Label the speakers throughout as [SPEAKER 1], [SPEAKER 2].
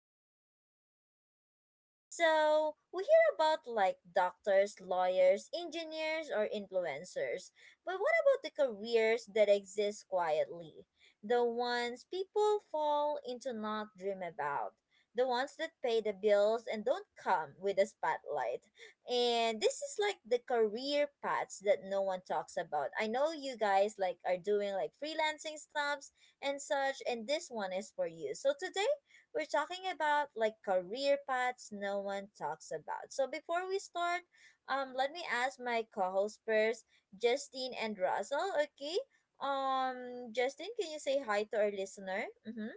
[SPEAKER 1] with Justine and Russell. So, we hear about like doctors, lawyers, engineers, or influencers. But what about the careers that exist quietly? The ones people fall into not dream about. The ones that pay the bills and don't come with a spotlight. And this is like the career paths that no one talks about. I know you guys like are doing like freelancing stops and such, and this one is for you. So today we're talking about like career paths no one talks about. So before we start, let me ask my co-host first, Justine and Russell. Okay, Justin, can you say hi to our listener? Mm-hmm.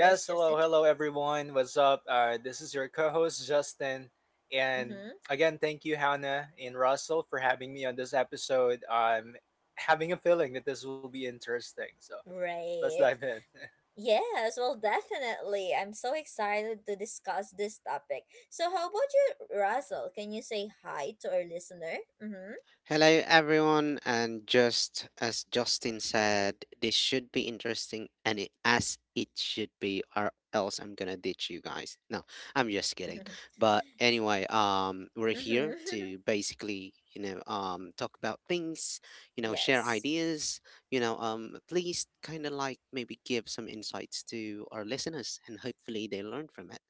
[SPEAKER 1] Yes,
[SPEAKER 2] hello,
[SPEAKER 1] Justin.
[SPEAKER 2] hello everyone. What's up? This is your co-host Justin, and
[SPEAKER 1] Mm-hmm.
[SPEAKER 2] again, thank you Hannah and Russell for having me on this episode. I'm having a feeling that this will be interesting, so let's dive
[SPEAKER 1] Right.
[SPEAKER 2] in.
[SPEAKER 1] Yes, well, definitely. I'm so excited to discuss this topic. So, how about you, Russell? Can you say hi to our listener? Mm-hmm.
[SPEAKER 3] Hello, everyone, and just as Justin said, this should be interesting, and it, as it should be, or else I'm gonna ditch you guys. No, I'm just kidding. But anyway, we're here
[SPEAKER 1] mm-hmm.
[SPEAKER 3] to basically, talk about things, share
[SPEAKER 1] yes.
[SPEAKER 3] ideas, at least kind of like maybe give some insights to our listeners, and hopefully they learn from it.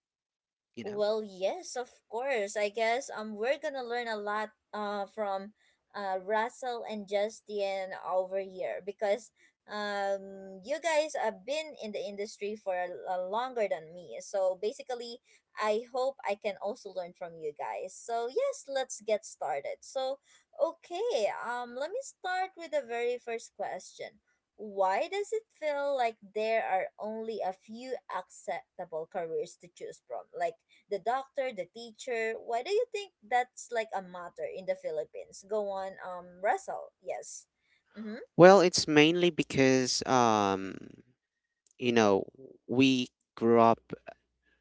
[SPEAKER 3] You know,
[SPEAKER 1] Well, yes, of course. I guess we're gonna learn a lot from Russell and Justin over here because you guys have been in the industry for a longer than me. So basically, I hope I can also learn from you guys. So yes, let's get started. So okay, let me start with the very first question. Why does it feel like there are only a few acceptable careers to choose from? Like the doctor, the teacher. Why do you think that's like a matter in the Philippines? Go on, Russell. Yes. Mm-hmm.
[SPEAKER 3] well, it's mainly because, you know, we grew up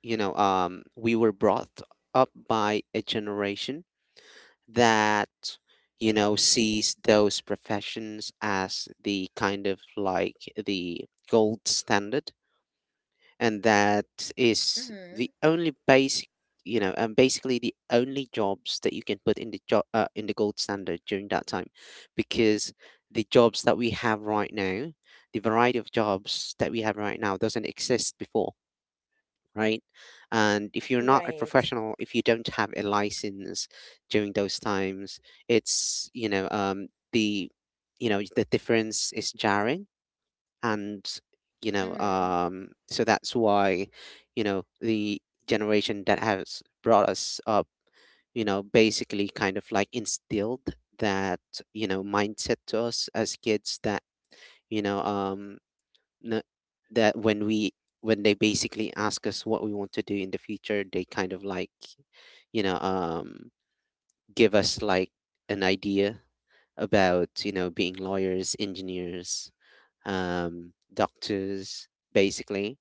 [SPEAKER 3] we were brought up by a generation that sees those professions as the kind of like the gold standard, and that is
[SPEAKER 1] Mm-hmm.
[SPEAKER 3] the only basic and basically the only jobs that you can put in the job in the gold standard during that time, because the jobs that we have right now, the variety of jobs that we have right now doesn't exist before, right? And if you're not a
[SPEAKER 1] Right.
[SPEAKER 3] professional, if you don't have a license during those times, it's you know the you know the difference is jarring, and you know
[SPEAKER 1] Mm-hmm.
[SPEAKER 3] um, so that's why the generation that has brought us up, basically kind of like instilled that mindset to us as kids, that you know um n- that when we when they basically ask us what we want to do in the future, they kind of like you know um give us like an idea about being lawyers, engineers, doctors, basically,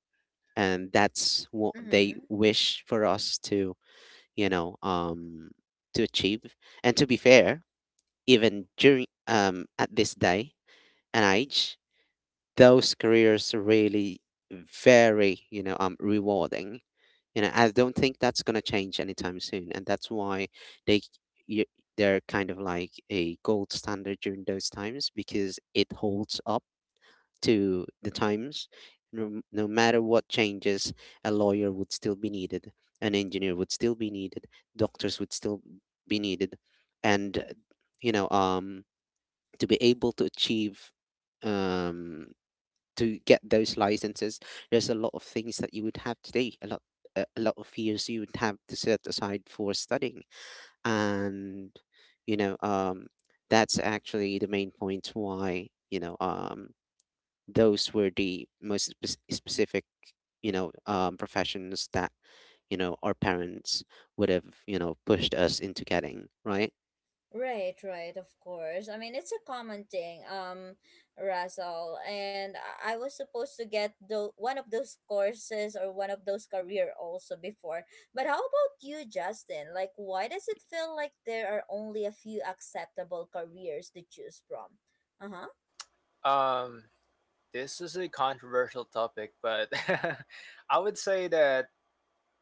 [SPEAKER 3] and that's what they
[SPEAKER 1] Mm-hmm.
[SPEAKER 3] wish for us to you know to achieve. And to be fair, even during at this day and age, those careers are really very, rewarding. I don't think that's gonna change anytime soon, and that's why they y- they're kind of like a gold standard during those times because it holds up to the times. No, no matter what changes, a lawyer would still be needed, an engineer would still be needed, doctors would still be needed, and you know, um, to be able to achieve um to get those licenses, there's a lot of things that you would have to do, a lot, a lot of years you would have to set aside for studying, and you know, um, that's actually the main point why those were the specific, professions that our parents would have pushed us into getting, right?
[SPEAKER 1] Right, right, of course. I mean, it's a common thing, Russell. And I was supposed to get one of those courses or one of those career also before. But how about you, Justin? Like, why does it feel like there are only a few acceptable careers to choose from? Uh huh.
[SPEAKER 2] Um, this is a controversial topic, but I would say that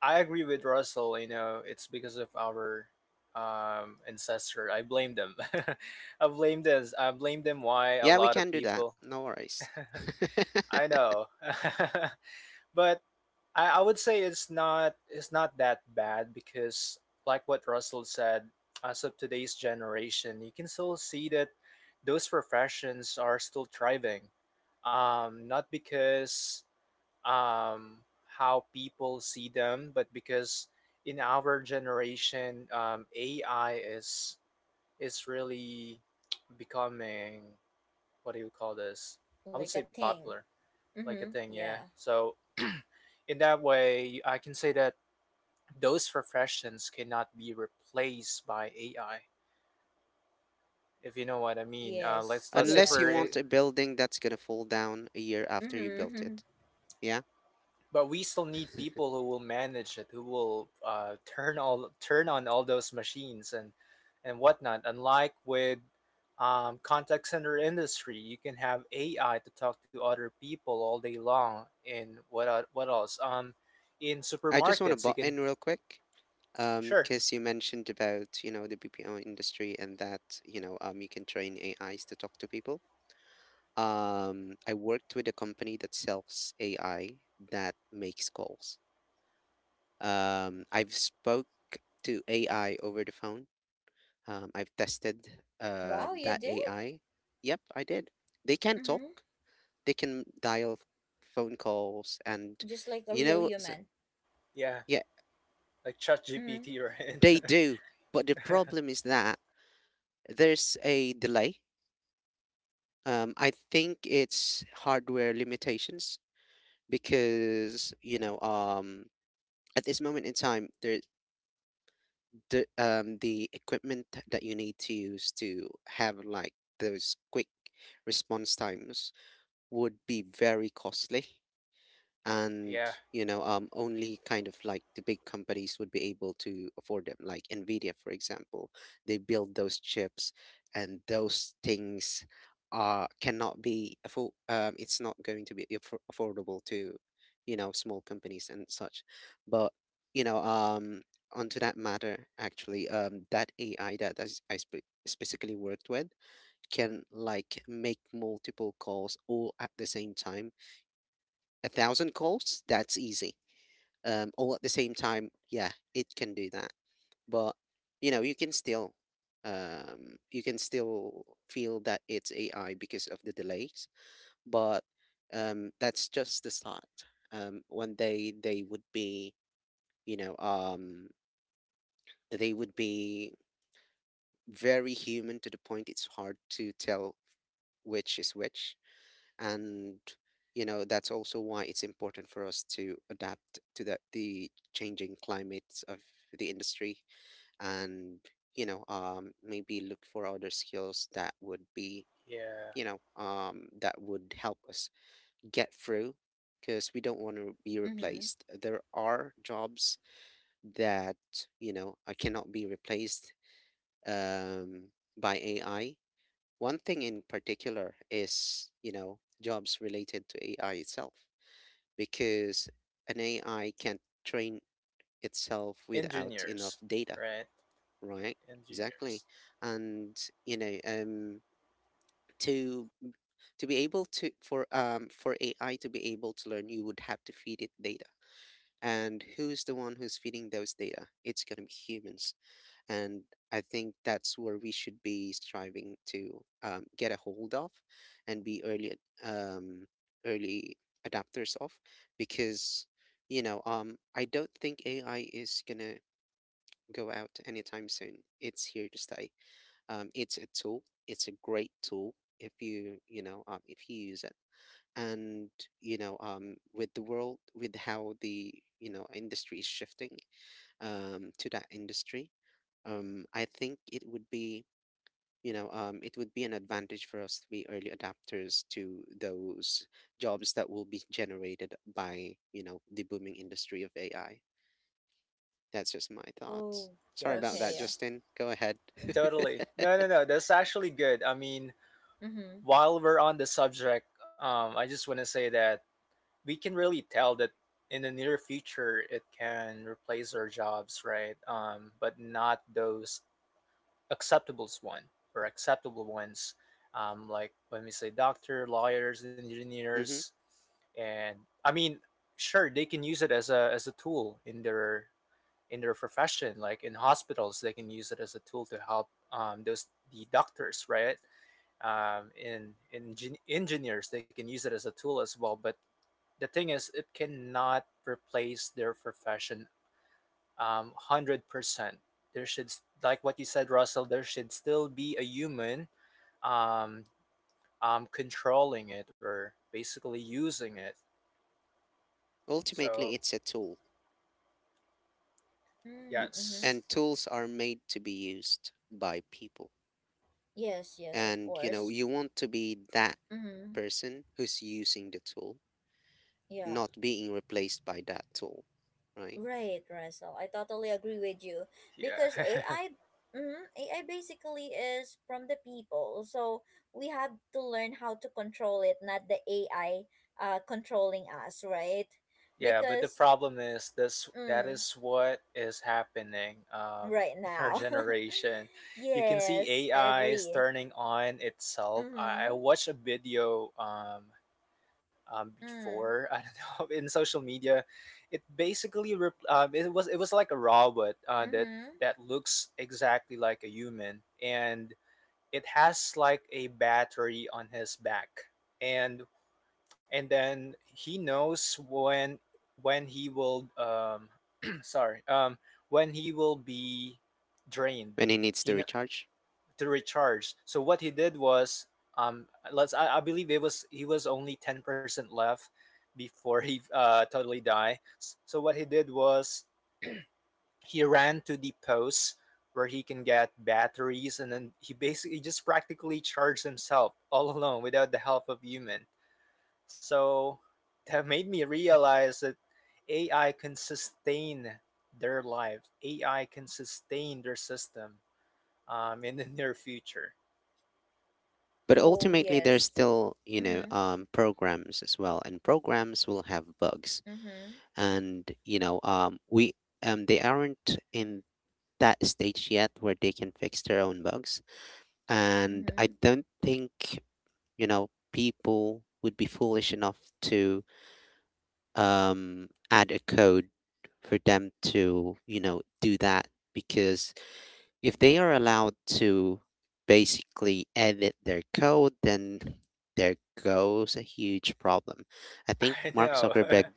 [SPEAKER 2] I agree with Russell. You know, it's because of our ancestor. I blame them. I blame this. I blame them. Why a
[SPEAKER 3] Yeah, we
[SPEAKER 2] lot
[SPEAKER 3] can
[SPEAKER 2] of
[SPEAKER 3] do that.
[SPEAKER 2] people.
[SPEAKER 3] No worries.
[SPEAKER 2] I know. But I would say it's not that bad because like what Russell said, as of today's generation, you can still see that those professions are still thriving. Not because um, how people see them, but because in our generation, AI is really becoming. What do you call this? I
[SPEAKER 1] Like
[SPEAKER 2] would
[SPEAKER 1] a
[SPEAKER 2] say
[SPEAKER 1] thing.
[SPEAKER 2] popular, like a
[SPEAKER 1] Mm-hmm.
[SPEAKER 2] thing, yeah.
[SPEAKER 1] Yeah.
[SPEAKER 2] So in that way I can say that those professions cannot be replaced by AI, if you know what I mean. uh, let's
[SPEAKER 1] Yes.
[SPEAKER 2] let's say
[SPEAKER 3] Unless you
[SPEAKER 1] Yes.
[SPEAKER 2] for,
[SPEAKER 3] want a building that's gonna fall down a year after you built
[SPEAKER 1] Mm-hmm.
[SPEAKER 3] it. Yeah.
[SPEAKER 2] but we still need people who will manage it, who will turn on all those machines and whatnot, unlike with contact center industry. You can have AI to talk to other people all day long. And what else? In
[SPEAKER 3] I just want to
[SPEAKER 2] supermarkets
[SPEAKER 3] butt
[SPEAKER 2] you can.
[SPEAKER 3] in real quick.
[SPEAKER 2] Sure.
[SPEAKER 3] Because you mentioned about, the BPO industry and that, you can train AIs to talk to people. I worked with a company that sells AI that makes calls. I've spoke to AI over the phone. I've tested
[SPEAKER 1] Wow, you
[SPEAKER 3] that
[SPEAKER 1] did?
[SPEAKER 3] AI. Yep, I did. They can talk.
[SPEAKER 1] Mm-hmm.
[SPEAKER 3] They can dial phone calls, and
[SPEAKER 1] Just like a
[SPEAKER 3] you
[SPEAKER 1] real
[SPEAKER 3] know, so,
[SPEAKER 1] human.
[SPEAKER 2] Yeah,
[SPEAKER 3] yeah,
[SPEAKER 2] like
[SPEAKER 1] Mm-hmm.
[SPEAKER 2] ChatGPT, right?
[SPEAKER 3] they do. But the problem is that there's a delay. I think it's hardware limitations because at this moment in time, the equipment that you need to use to have like those quick response times would be very costly, and
[SPEAKER 2] Yeah,
[SPEAKER 3] only kind of like the big companies would be able to afford them, like Nvidia for example. They build those chips, and those things are cannot be afford it's not going to be affordable to small companies and such. But you know um onto that matter, actually that AI that I specifically worked with can like make multiple calls all at the same time. A thousand calls, that's easy. All at the same time, yeah, it can do that. But you know, you can still, you can still feel that it's AI because of the delays. But that's just the start. One day you know, um, they would be very human to the point it's hard to tell which is which. And that's also why it's important for us to adapt to the changing climates of the industry, and maybe look for other skills that would be
[SPEAKER 2] yeah.
[SPEAKER 3] you know that would help us get through, because we don't want to be
[SPEAKER 1] Mm-hmm.
[SPEAKER 3] replaced. There are jobs that cannot be replaced um, by AI. One thing in particular is jobs related to AI itself, because an AI can't train itself without enough
[SPEAKER 2] Engineers,
[SPEAKER 3] data,
[SPEAKER 2] right?
[SPEAKER 3] right? Exactly.
[SPEAKER 2] Engineers.
[SPEAKER 3] And you know, um, to to be able to for AI to be able to learn, you would have to feed it data. And who's the one who's feeding those data? It's gonna be humans, and I think that's where we should be striving to get a hold of, and be um, early adapters of, because I don't think AI is gonna go out anytime soon. It's here to stay. It's a tool. It's a great tool if you use it. And you know with the world with how the industry is shifting to that industry I think it would be an advantage for us to be early adapters to those jobs that will be generated by, the booming industry of AI. That's just my thoughts.
[SPEAKER 1] Oh,
[SPEAKER 3] Sorry about that,
[SPEAKER 1] okay.
[SPEAKER 2] Yes,
[SPEAKER 3] Justin. Go ahead.
[SPEAKER 1] Yeah.
[SPEAKER 2] totally. No, no, no. That's actually good. I mean,
[SPEAKER 1] Mm-hmm.
[SPEAKER 2] while we're on the subject, I just want to say that we can really tell that in the near future it can replace our jobs, right? But not those acceptable one or acceptable ones. Like when we say doctor, lawyers, engineers,
[SPEAKER 3] hmm
[SPEAKER 2] and I mean, sure they can use it as a tool in their profession. Like in hospitals they can use it as a tool to help those the doctors, right? Engineers, they can use it as a tool as well. But the thing is, it cannot replace their profession, 100%. Like what you said, Russell, there should still be a human um, controlling it or basically using it, so
[SPEAKER 3] Ultimately, it's a tool, n-
[SPEAKER 1] Mm-hmm. Mm-hmm.
[SPEAKER 2] yes.
[SPEAKER 3] and tools are made to be used by people.
[SPEAKER 1] Yes. Yes. Of
[SPEAKER 3] And,
[SPEAKER 1] course.
[SPEAKER 3] you want to be that
[SPEAKER 1] Mm-hmm.
[SPEAKER 3] person who's using the tool,
[SPEAKER 1] Yeah.
[SPEAKER 3] not being replaced by that tool, right?
[SPEAKER 1] Right, Russell. I totally agree with you because
[SPEAKER 2] Yeah.
[SPEAKER 1] AI, AI basically is from the people. So we have to learn how to control it, not the AI controlling us, right?
[SPEAKER 2] Yeah, but the
[SPEAKER 1] Because
[SPEAKER 2] problem is this, that
[SPEAKER 1] mm,
[SPEAKER 2] is what is happening
[SPEAKER 1] right
[SPEAKER 2] in our
[SPEAKER 1] now,
[SPEAKER 2] generation. You can see
[SPEAKER 1] yes, I
[SPEAKER 2] AI
[SPEAKER 1] agree.
[SPEAKER 2] is turning on itself. I
[SPEAKER 1] Mm-hmm.
[SPEAKER 2] watched a video
[SPEAKER 1] Mm,
[SPEAKER 2] before, I don't know, in social media. It basically it was like a robot that
[SPEAKER 1] mm-hmm.
[SPEAKER 2] that looks exactly like a human, and it has like a battery on his back. And and then he knows when he will sorry when he will be drained.
[SPEAKER 3] When it needs to
[SPEAKER 2] he kn-
[SPEAKER 3] recharge.
[SPEAKER 2] to recharge. So what he did was, um let's, I believe it was, he was only 10% left before he totally die. So what he did was, he ran to the post where he can get batteries, and then he basically just practically charged himself all alone without the help of human. So that made me realize that AI can sustain their lives. AI can sustain their system in the near future.
[SPEAKER 3] But
[SPEAKER 1] Oh
[SPEAKER 3] ultimately, there's
[SPEAKER 1] yes.
[SPEAKER 3] still,
[SPEAKER 1] Mm-hmm.
[SPEAKER 3] programs as well, and programs will have bugs,
[SPEAKER 1] Mm-hmm.
[SPEAKER 3] and you know, we they aren't in that stage yet where they can fix their own bugs. And I
[SPEAKER 1] Mm-hmm.
[SPEAKER 3] don't think, people would be foolish enough to add a code for them to, do that, because if they are allowed to basically edit their code, then there goes a huge problem. I think
[SPEAKER 2] I
[SPEAKER 3] Mark
[SPEAKER 2] know,
[SPEAKER 3] Zuckerberg —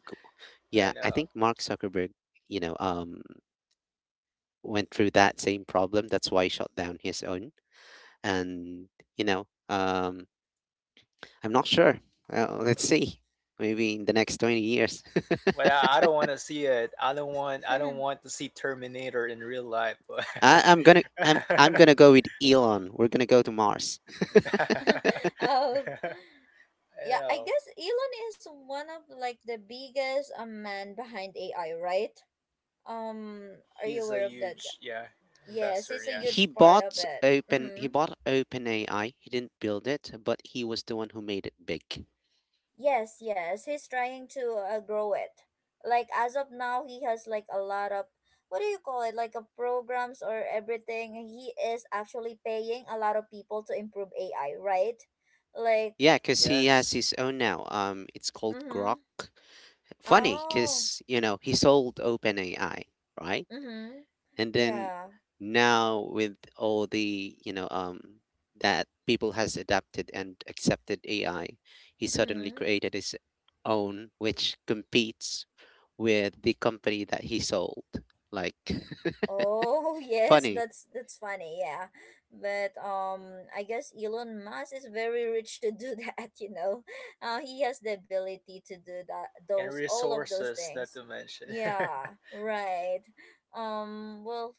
[SPEAKER 2] I
[SPEAKER 3] yeah, I
[SPEAKER 2] know.
[SPEAKER 3] think Mark Zuckerberg, you know, um, went through that same problem. That's why he shut down his own. And you know um I'm not sure, let's see, maybe in the next 20 years.
[SPEAKER 2] But I don't want to see it. I don't want. I don't want to see Terminator in real life. But
[SPEAKER 3] I, i'm gonna i'm i'm gonna go with Elon. We're gonna go to Mars.
[SPEAKER 2] I
[SPEAKER 1] Oh yeah. I
[SPEAKER 2] know,
[SPEAKER 1] guess Elon is one of like the biggest man behind AI, right? Are you
[SPEAKER 2] he's a
[SPEAKER 1] aware of that guy?
[SPEAKER 2] huge, yeah,
[SPEAKER 1] Yes,
[SPEAKER 2] investor.
[SPEAKER 1] it's a
[SPEAKER 2] Yeah.
[SPEAKER 3] he
[SPEAKER 1] huge part of
[SPEAKER 3] bought
[SPEAKER 1] it.
[SPEAKER 3] open he
[SPEAKER 1] Mm-hmm.
[SPEAKER 3] bought OpenAI. He didn't build it, but he was the one who made it big.
[SPEAKER 1] Yes, yes, he's trying to grow it. Like as of now, he has like a lot of what do you call it? Like a programs or everything. He is actually paying a lot of people to improve AI, right? Like,
[SPEAKER 3] Yeah, because he has
[SPEAKER 2] Yes.
[SPEAKER 3] his own now it's called
[SPEAKER 1] mm-hmm.
[SPEAKER 3] Grok. Funny,
[SPEAKER 1] Oh,
[SPEAKER 3] because he sold OpenAI, right?
[SPEAKER 1] mm-hmm.
[SPEAKER 3] And then
[SPEAKER 1] Yeah,
[SPEAKER 3] now, with all the that people has adapted and accepted AI, he suddenly
[SPEAKER 1] mm-hmm.
[SPEAKER 3] created his own which competes with the company that he sold. Like,
[SPEAKER 1] Oh yes,
[SPEAKER 3] funny,
[SPEAKER 1] that's funny, yeah. But I guess Elon Musk is very rich to do that. He has the ability to do that
[SPEAKER 2] And
[SPEAKER 1] those all of those
[SPEAKER 2] resources, not
[SPEAKER 1] things.
[SPEAKER 2] to mention. Yeah.
[SPEAKER 1] Yeah, right. Well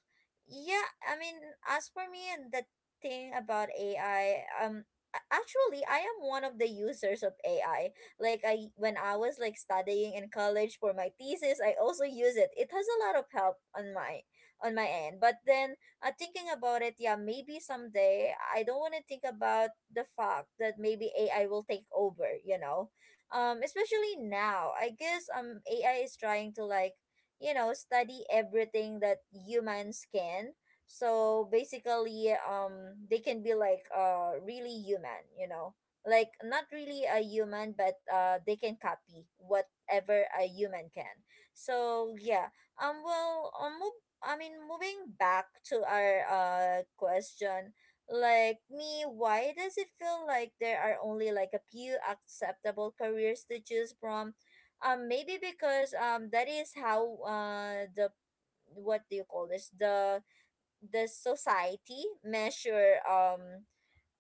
[SPEAKER 1] yeah, I mean as for me and the thing about AI, actually I am one of the users of AI. Like I when I was like studying in college for my thesis, I also use it. It has a lot of help on my end. But then thinking about it, yeah, maybe someday I don't want to think about the fact that maybe AI will take over. Especially now. I guess AI is trying to like, study everything that humans can. So basically they can be like really human. Like not really a human but they can copy whatever a human can. So yeah. Well, I mean, moving back to our question, like me, why does it feel like there are only like a few acceptable careers to choose from? Maybe because that is how the, what do you call this, the society measure,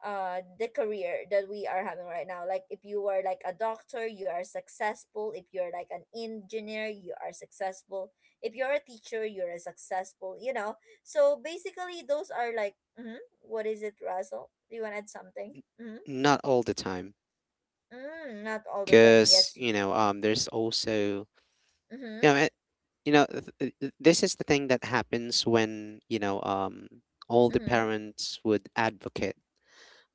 [SPEAKER 1] the career that we are having right now. Like if you are like a doctor, you are successful. If you're like an engineer, you are successful. If you're a teacher, you're a successful, you know. So basically those are like what is it, Russell? Do you want to add something? Mm-hmm.
[SPEAKER 3] not all the time,
[SPEAKER 1] Mm, not all the time,
[SPEAKER 3] because
[SPEAKER 1] yes.
[SPEAKER 3] there's also
[SPEAKER 1] Mm-hmm.
[SPEAKER 3] you know it, you know th- th- th- this is the thing that happens when all the
[SPEAKER 1] Mm-hmm.
[SPEAKER 3] parents would advocate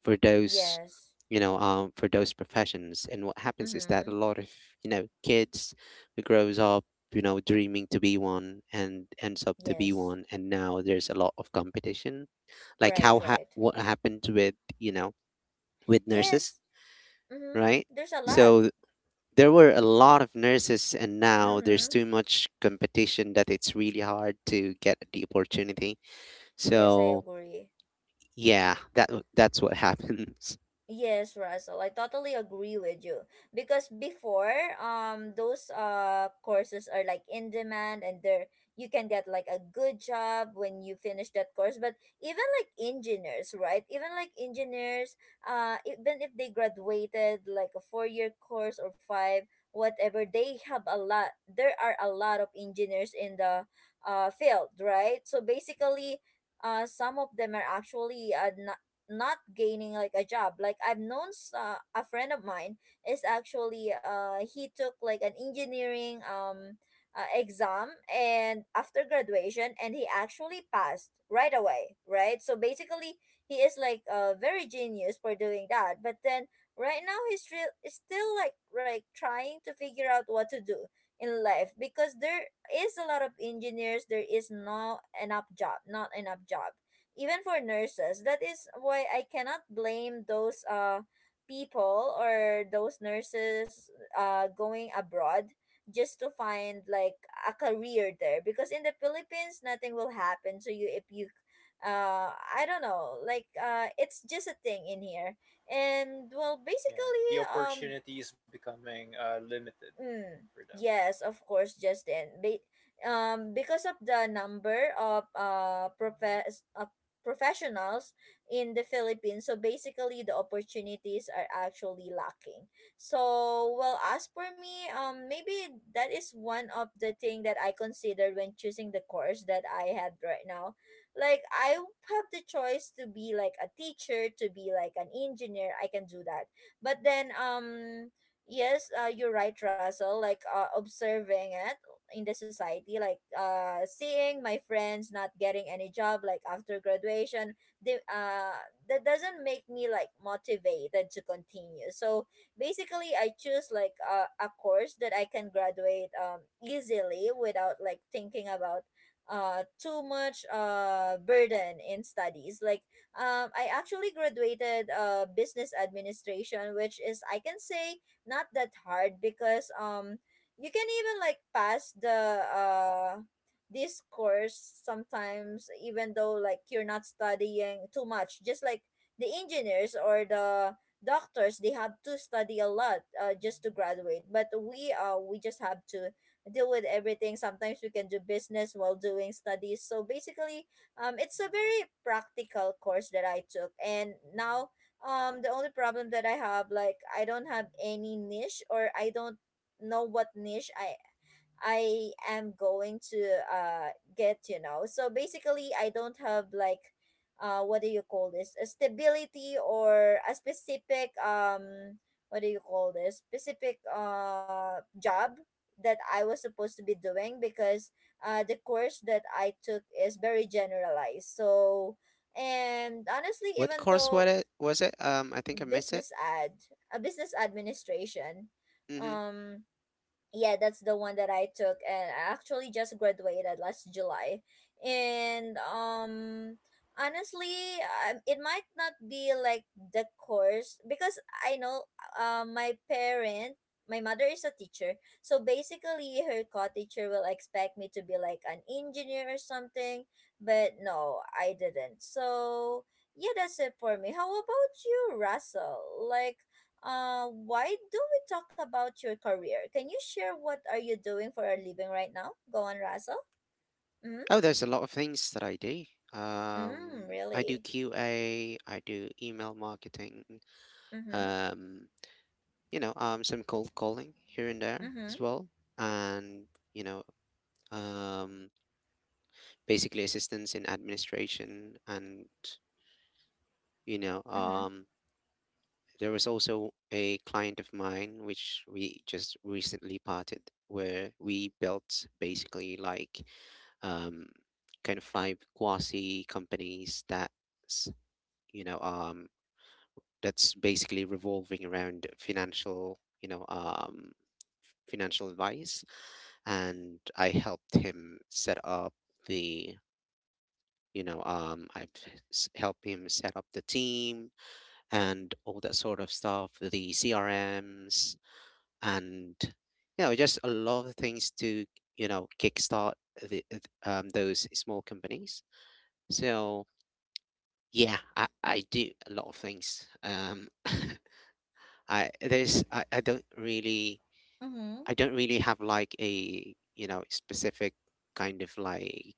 [SPEAKER 3] for those
[SPEAKER 1] Yes.
[SPEAKER 3] you know for those
[SPEAKER 1] Co-
[SPEAKER 3] professions. And what happens is that
[SPEAKER 1] mm-hmm.
[SPEAKER 3] a lot of kids who grows up dreaming to be one and ends up to be
[SPEAKER 1] Yes,
[SPEAKER 3] one, and now there's a lot of competition, like
[SPEAKER 1] right, right.
[SPEAKER 3] what happened with you know with nurses,
[SPEAKER 1] Yes. Mm-hmm.
[SPEAKER 3] right?
[SPEAKER 1] There's a lot.
[SPEAKER 3] So there were a lot of nurses, and now there's
[SPEAKER 1] Mm-hmm.
[SPEAKER 3] too much competition that it's really hard to get the opportunity.
[SPEAKER 1] Yes, I
[SPEAKER 3] So
[SPEAKER 1] agree.
[SPEAKER 3] yeah, that's what happens.
[SPEAKER 1] Yes, Russell, I totally agree with you. Because before, those courses are like in demand and there you can get like a good job when you finish that course. But even like engineers, right? Even like engineers, even if they graduated like a 4-year course or five, whatever, they have a lot. There are a lot of engineers in the field, right? So basically, some of them are actually not gaining like a job. Like I've known a friend of mine is actually, he took like an engineering exam and after graduation, and he actually passed right away, right? So basically, he is like very genius for doing that, but then right now he's real is still like trying to figure out what to do in life, because there is a lot of engineers. There is not enough job, not enough job, even for nurses. That is why I cannot blame those people or those nurses going abroad just to find like a career there, because in the Philippines nothing will happen to you if you, I don't know, like, it's just a thing in here. And well basically
[SPEAKER 2] The opportunity is becoming limited.
[SPEAKER 1] Mm,
[SPEAKER 2] Freedom.
[SPEAKER 1] yes, of course, Justin. Because of the number of professionals in the Philippines, so basically the opportunities are actually lacking. So, well, as for me, maybe that is one of the thing that I consider when choosing the course that I had right now. Like, I have the choice to be like a teacher, to be like an engineer. I can do that, but then yes, you're right, Russell. Like observing it in the society, like seeing my friends not getting any job, like after graduation, the that doesn't make me like motivated to continue. So basically, I choose like a course that I can graduate easily without like thinking about too much burden in studies. Like I actually graduated business administration, which is I can say not that hard because you can even like pass the this course sometimes, even though like you're not studying too much. Just like the engineers or the doctors, they have to study a lot just to graduate, but we just have to deal with everything. Sometimes we can do business while doing studies, so basically it's a very practical course that I took. And now, the only problem that I have, like, I don't have any niche, or I don't know what niche I am going to get. You know, so basically, I don't have like, what do you call this? A stability or a specific what do you call this? Specific job that I was supposed to be doing, because the course that I took is very generalized. So and honestly
[SPEAKER 3] What
[SPEAKER 1] even
[SPEAKER 3] course was
[SPEAKER 1] though
[SPEAKER 3] it? I think I missed it.
[SPEAKER 1] business ad, a business administration.
[SPEAKER 3] Mm-hmm.
[SPEAKER 1] Um, yeah, that's the one that I took, and I actually just graduated last July. And honestly, it might not be like the course because I know my parent, my mother is a teacher, so basically her co-teacher will expect me to be like an engineer or something. But no, I didn't. So yeah, that's it for me. How about you, Russell? Like why do we talk about your career? Can you share what are you doing for a living right now? Go on, Russell. Mm-hmm.
[SPEAKER 3] Oh, there's a lot of things that I do. Um,
[SPEAKER 1] Mm,
[SPEAKER 3] I do
[SPEAKER 1] really?
[SPEAKER 3] QA. I do email marketing.
[SPEAKER 1] Mm-hmm.
[SPEAKER 3] Um, some cold calling here and there
[SPEAKER 1] Mm-hmm.
[SPEAKER 3] as well, and you know, um, basically assistance in administration, and you know,
[SPEAKER 1] Mm-hmm.
[SPEAKER 3] um, there was also a client of mine which we just recently parted, where we built basically like um, kind of five quasi companies that's you know um, that's basically revolving around financial you know financial advice, and I helped him set up the you know I've s- helped him set up the team and all that sort of stuff, the CRMs, and just a lot of things to kickstart those small companies. So yeah, I do a lot of things. I don't really
[SPEAKER 1] Mm-hmm.
[SPEAKER 3] have like a specific kind of like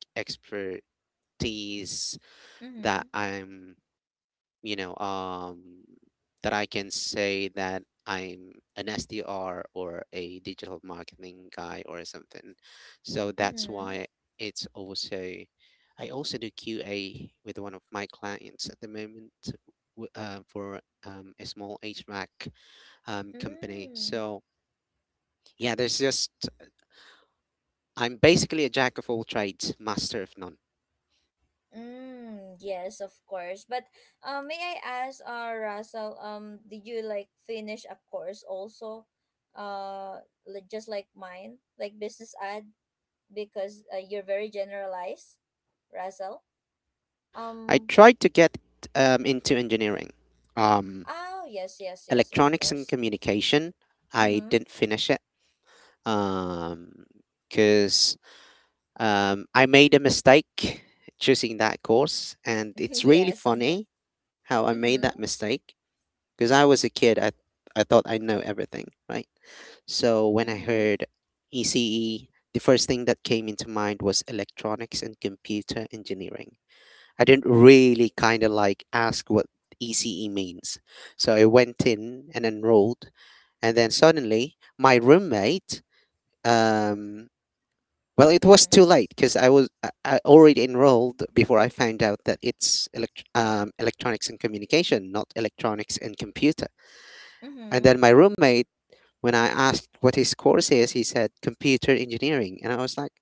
[SPEAKER 3] expertise
[SPEAKER 1] Mm-hmm.
[SPEAKER 3] that I'm you know, um, that I can say that I'm an SDR or a digital marketing guy or something. So that's
[SPEAKER 1] Mm-hmm.
[SPEAKER 3] why it's also, I also do QA with one of my clients at the moment, for a small HVAC company.
[SPEAKER 1] Mm.
[SPEAKER 3] So yeah, I'm basically a jack of all trades, master of none.
[SPEAKER 1] Mm. Yes, of course. But may I ask, Russell, did you like finish a course also? Uh, just like mine, like business ad, because you're very generalized, Russell.
[SPEAKER 3] I
[SPEAKER 1] Um,
[SPEAKER 3] tried to get into engineering, um,
[SPEAKER 1] Oh, yes, yes, yes, of
[SPEAKER 3] electronics and
[SPEAKER 1] course.
[SPEAKER 3] communication. I
[SPEAKER 1] Mm-hmm.
[SPEAKER 3] didn't finish it because 'cause, I made a mistake choosing that course, and it's really
[SPEAKER 1] yeah, something.
[SPEAKER 3] funny how I
[SPEAKER 1] Mm-hmm.
[SPEAKER 3] made that mistake. Because I was a kid, I thought I know everything, right? So when I
[SPEAKER 1] Mm-hmm.
[SPEAKER 3] heard ECE, the first thing that came into mind was electronics and computer engineering. I didn't really kind of like ask what ECE means. So I went in and enrolled, and then suddenly my um, well, it was
[SPEAKER 1] Mm.
[SPEAKER 3] too late because I already enrolled before I found out that it's electronics and communication, not electronics and computer. And
[SPEAKER 1] Mm-hmm.
[SPEAKER 3] then my roommate, when I asked what his course is, he said computer engineering. And I was like,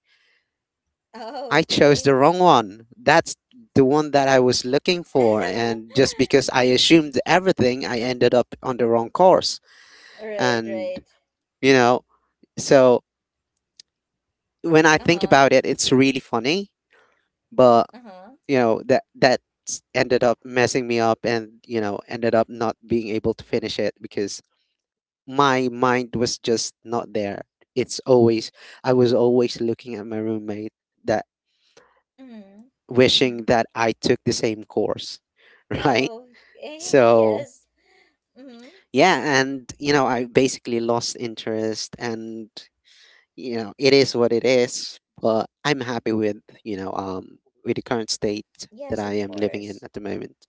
[SPEAKER 1] Oh,
[SPEAKER 3] I chose
[SPEAKER 1] okay.
[SPEAKER 3] the wrong one. That's the one that I was looking for. And just because I assumed everything, I ended up on the wrong course.
[SPEAKER 1] right,
[SPEAKER 3] And,
[SPEAKER 1] right.
[SPEAKER 3] you know, so when I think
[SPEAKER 1] Uh-huh.
[SPEAKER 3] about it, it's really funny. But,
[SPEAKER 1] Uh-huh.
[SPEAKER 3] that ended up messing me up and, you know, ended up not being able to finish it because my mind was just not there. It's always I was always looking at my roommate that
[SPEAKER 1] Mm-hmm. Mm-hmm.
[SPEAKER 3] wishing that I took the same course, right?
[SPEAKER 1] Okay,
[SPEAKER 3] So
[SPEAKER 1] yes. Mm-hmm.
[SPEAKER 3] yeah, and you know I basically lost interest, and you know it is what it is. But I'm happy with you know um with the current state that
[SPEAKER 1] Yes,
[SPEAKER 3] I
[SPEAKER 1] of
[SPEAKER 3] am living in
[SPEAKER 1] course.
[SPEAKER 3] at the moment.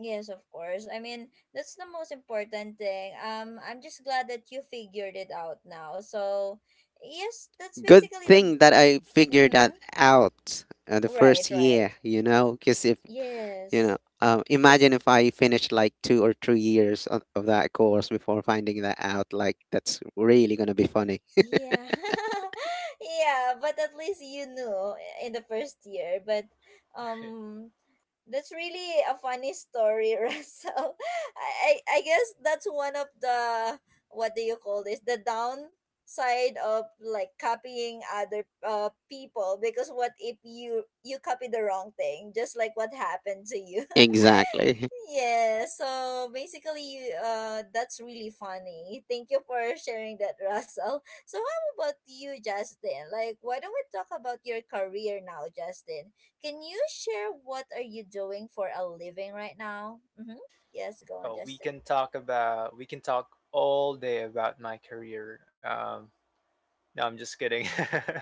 [SPEAKER 1] Yes, of course. I mean, that's the most important thing. I'm just glad that you figured it out now. So, yes, that's
[SPEAKER 3] Good
[SPEAKER 1] basically the.
[SPEAKER 3] thing that I figured
[SPEAKER 1] Mm-hmm.
[SPEAKER 3] that out the
[SPEAKER 1] Right,
[SPEAKER 3] first year,
[SPEAKER 1] right.
[SPEAKER 3] you know, because if you
[SPEAKER 1] Yes.
[SPEAKER 3] know,
[SPEAKER 1] It's
[SPEAKER 3] imagine if I finished like 2 or 3 years of that course before finding that out. Like that's really gonna be funny.
[SPEAKER 1] yeah. Yeah, but at least you knew in the first year. But um that's really a funny story, Russell. I guess that's one of the, what do you call this? The downside of like copying other people because what if you copy the wrong thing, just like what happened to you.
[SPEAKER 3] Exactly.
[SPEAKER 1] Yeah, so basically, that's really funny. Thank you for sharing that, Russell. So, how about you, Justin? Like, why don't we talk about your career now, Justin? Can you share what are you doing for a living right now? Mm-hmm. Yes, go on,
[SPEAKER 2] Oh,
[SPEAKER 1] Justin.
[SPEAKER 2] we can talk all day about my career. No, I'm just kidding.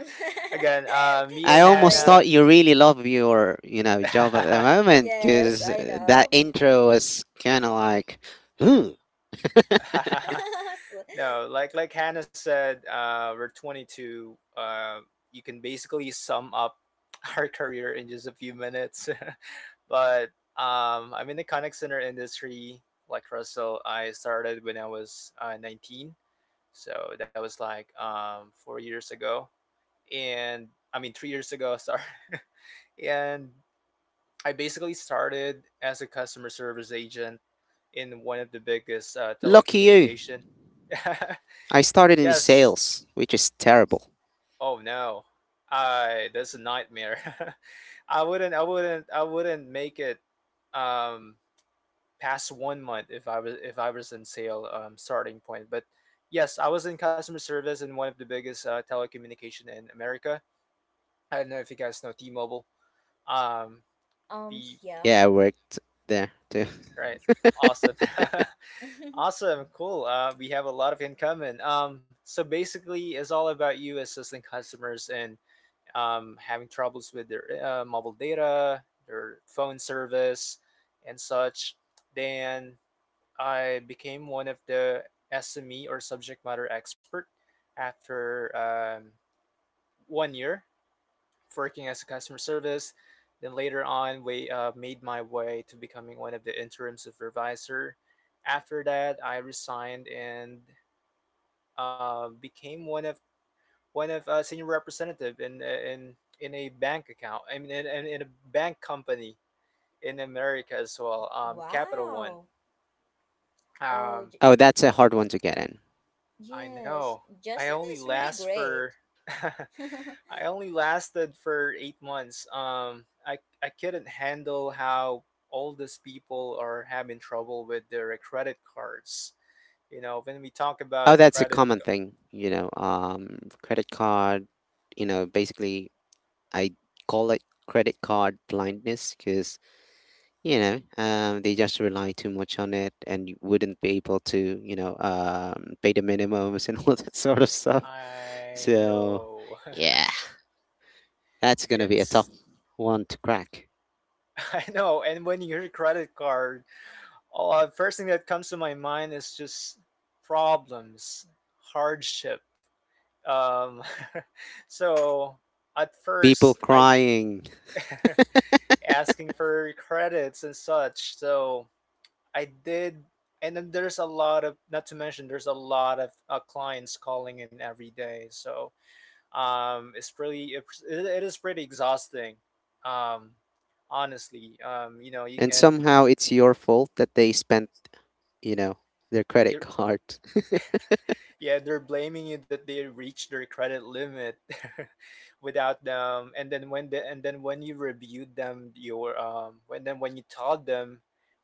[SPEAKER 2] Again, me
[SPEAKER 3] I
[SPEAKER 2] and
[SPEAKER 3] almost
[SPEAKER 2] Hannah.
[SPEAKER 3] thought
[SPEAKER 1] Sorry.
[SPEAKER 3] you really love your, you know, job at the moment
[SPEAKER 1] Yes,
[SPEAKER 3] because
[SPEAKER 1] I
[SPEAKER 3] that
[SPEAKER 1] know.
[SPEAKER 3] intro was kind of like, hmm,
[SPEAKER 1] So-
[SPEAKER 2] No, like Hannah said, we're 22. You can basically sum up our career in just a few minutes. But I'm in the contact center industry. Like Russell, I started when I was 19, so that was like 4 years ago. And I mean 3 years ago, sorry. And I basically started as a customer service agent in one of the biggest
[SPEAKER 3] lucky you.
[SPEAKER 2] telecommunication.
[SPEAKER 3] I started in
[SPEAKER 2] Yes.
[SPEAKER 3] sales, which is terrible.
[SPEAKER 2] Oh no. I that's a nightmare. I wouldn't. I wouldn't. I wouldn't make it um past 1 month if I was in sale starting point. But yes, I was in customer service in one of the biggest telecommunication in America. I don't know if you guys know T-Mobile. Um, Beef.
[SPEAKER 1] yeah.
[SPEAKER 3] Yeah, I worked there too.
[SPEAKER 2] Right. Awesome. Awesome. Cool. We have a lot of in common. So basically, it's all about you assisting customers and having troubles with their mobile data, their phone service, and such. Then I became one of the SME, or subject matter expert, after 1 year working as a customer service. Then later on, we made my way to becoming one of the interim supervisor. After that, I resigned and became one of senior representative in a bank account. I mean, in a bank company in America as well. Capital One.
[SPEAKER 1] Wow. Oh,
[SPEAKER 2] Um,
[SPEAKER 1] j-
[SPEAKER 3] Oh, that's a hard one to get in.
[SPEAKER 2] I know.
[SPEAKER 1] yes.
[SPEAKER 2] I
[SPEAKER 1] Justin
[SPEAKER 2] only
[SPEAKER 1] is really
[SPEAKER 2] last
[SPEAKER 1] great.
[SPEAKER 2] for I only lasted for 8 months. I couldn't handle how all these people are having trouble with their credit cards. You know, when we talk
[SPEAKER 3] Oh,
[SPEAKER 2] about
[SPEAKER 3] that's a
[SPEAKER 2] credit,
[SPEAKER 3] common thing, you know, credit card, you know, basically I call it credit card blindness because, you know, they just rely too much on it and you wouldn't be able to, you know, pay the minimums and all that sort of stuff.
[SPEAKER 2] I
[SPEAKER 3] So,
[SPEAKER 2] know.
[SPEAKER 3] yeah, that's gonna be a tough
[SPEAKER 2] It's
[SPEAKER 3] one to crack.
[SPEAKER 2] I know. And when you hear credit card, first thing that comes to my mind is just problems, hardship. Um, so at
[SPEAKER 3] People
[SPEAKER 2] first, I
[SPEAKER 3] crying,
[SPEAKER 2] asking for credits and such. So I did, and then there's a lot of, not to mention, there's a lot of clients calling in every day. So it's pretty, it is pretty exhausting. Um, honestly, you know, you
[SPEAKER 3] and
[SPEAKER 2] can.
[SPEAKER 3] somehow it's your fault that they spent, you know, their credit
[SPEAKER 2] You're,
[SPEAKER 3] card.
[SPEAKER 2] yeah, they're blaming you that they reached their credit limit without them, and then when the and then when you reviewed them, your when you told them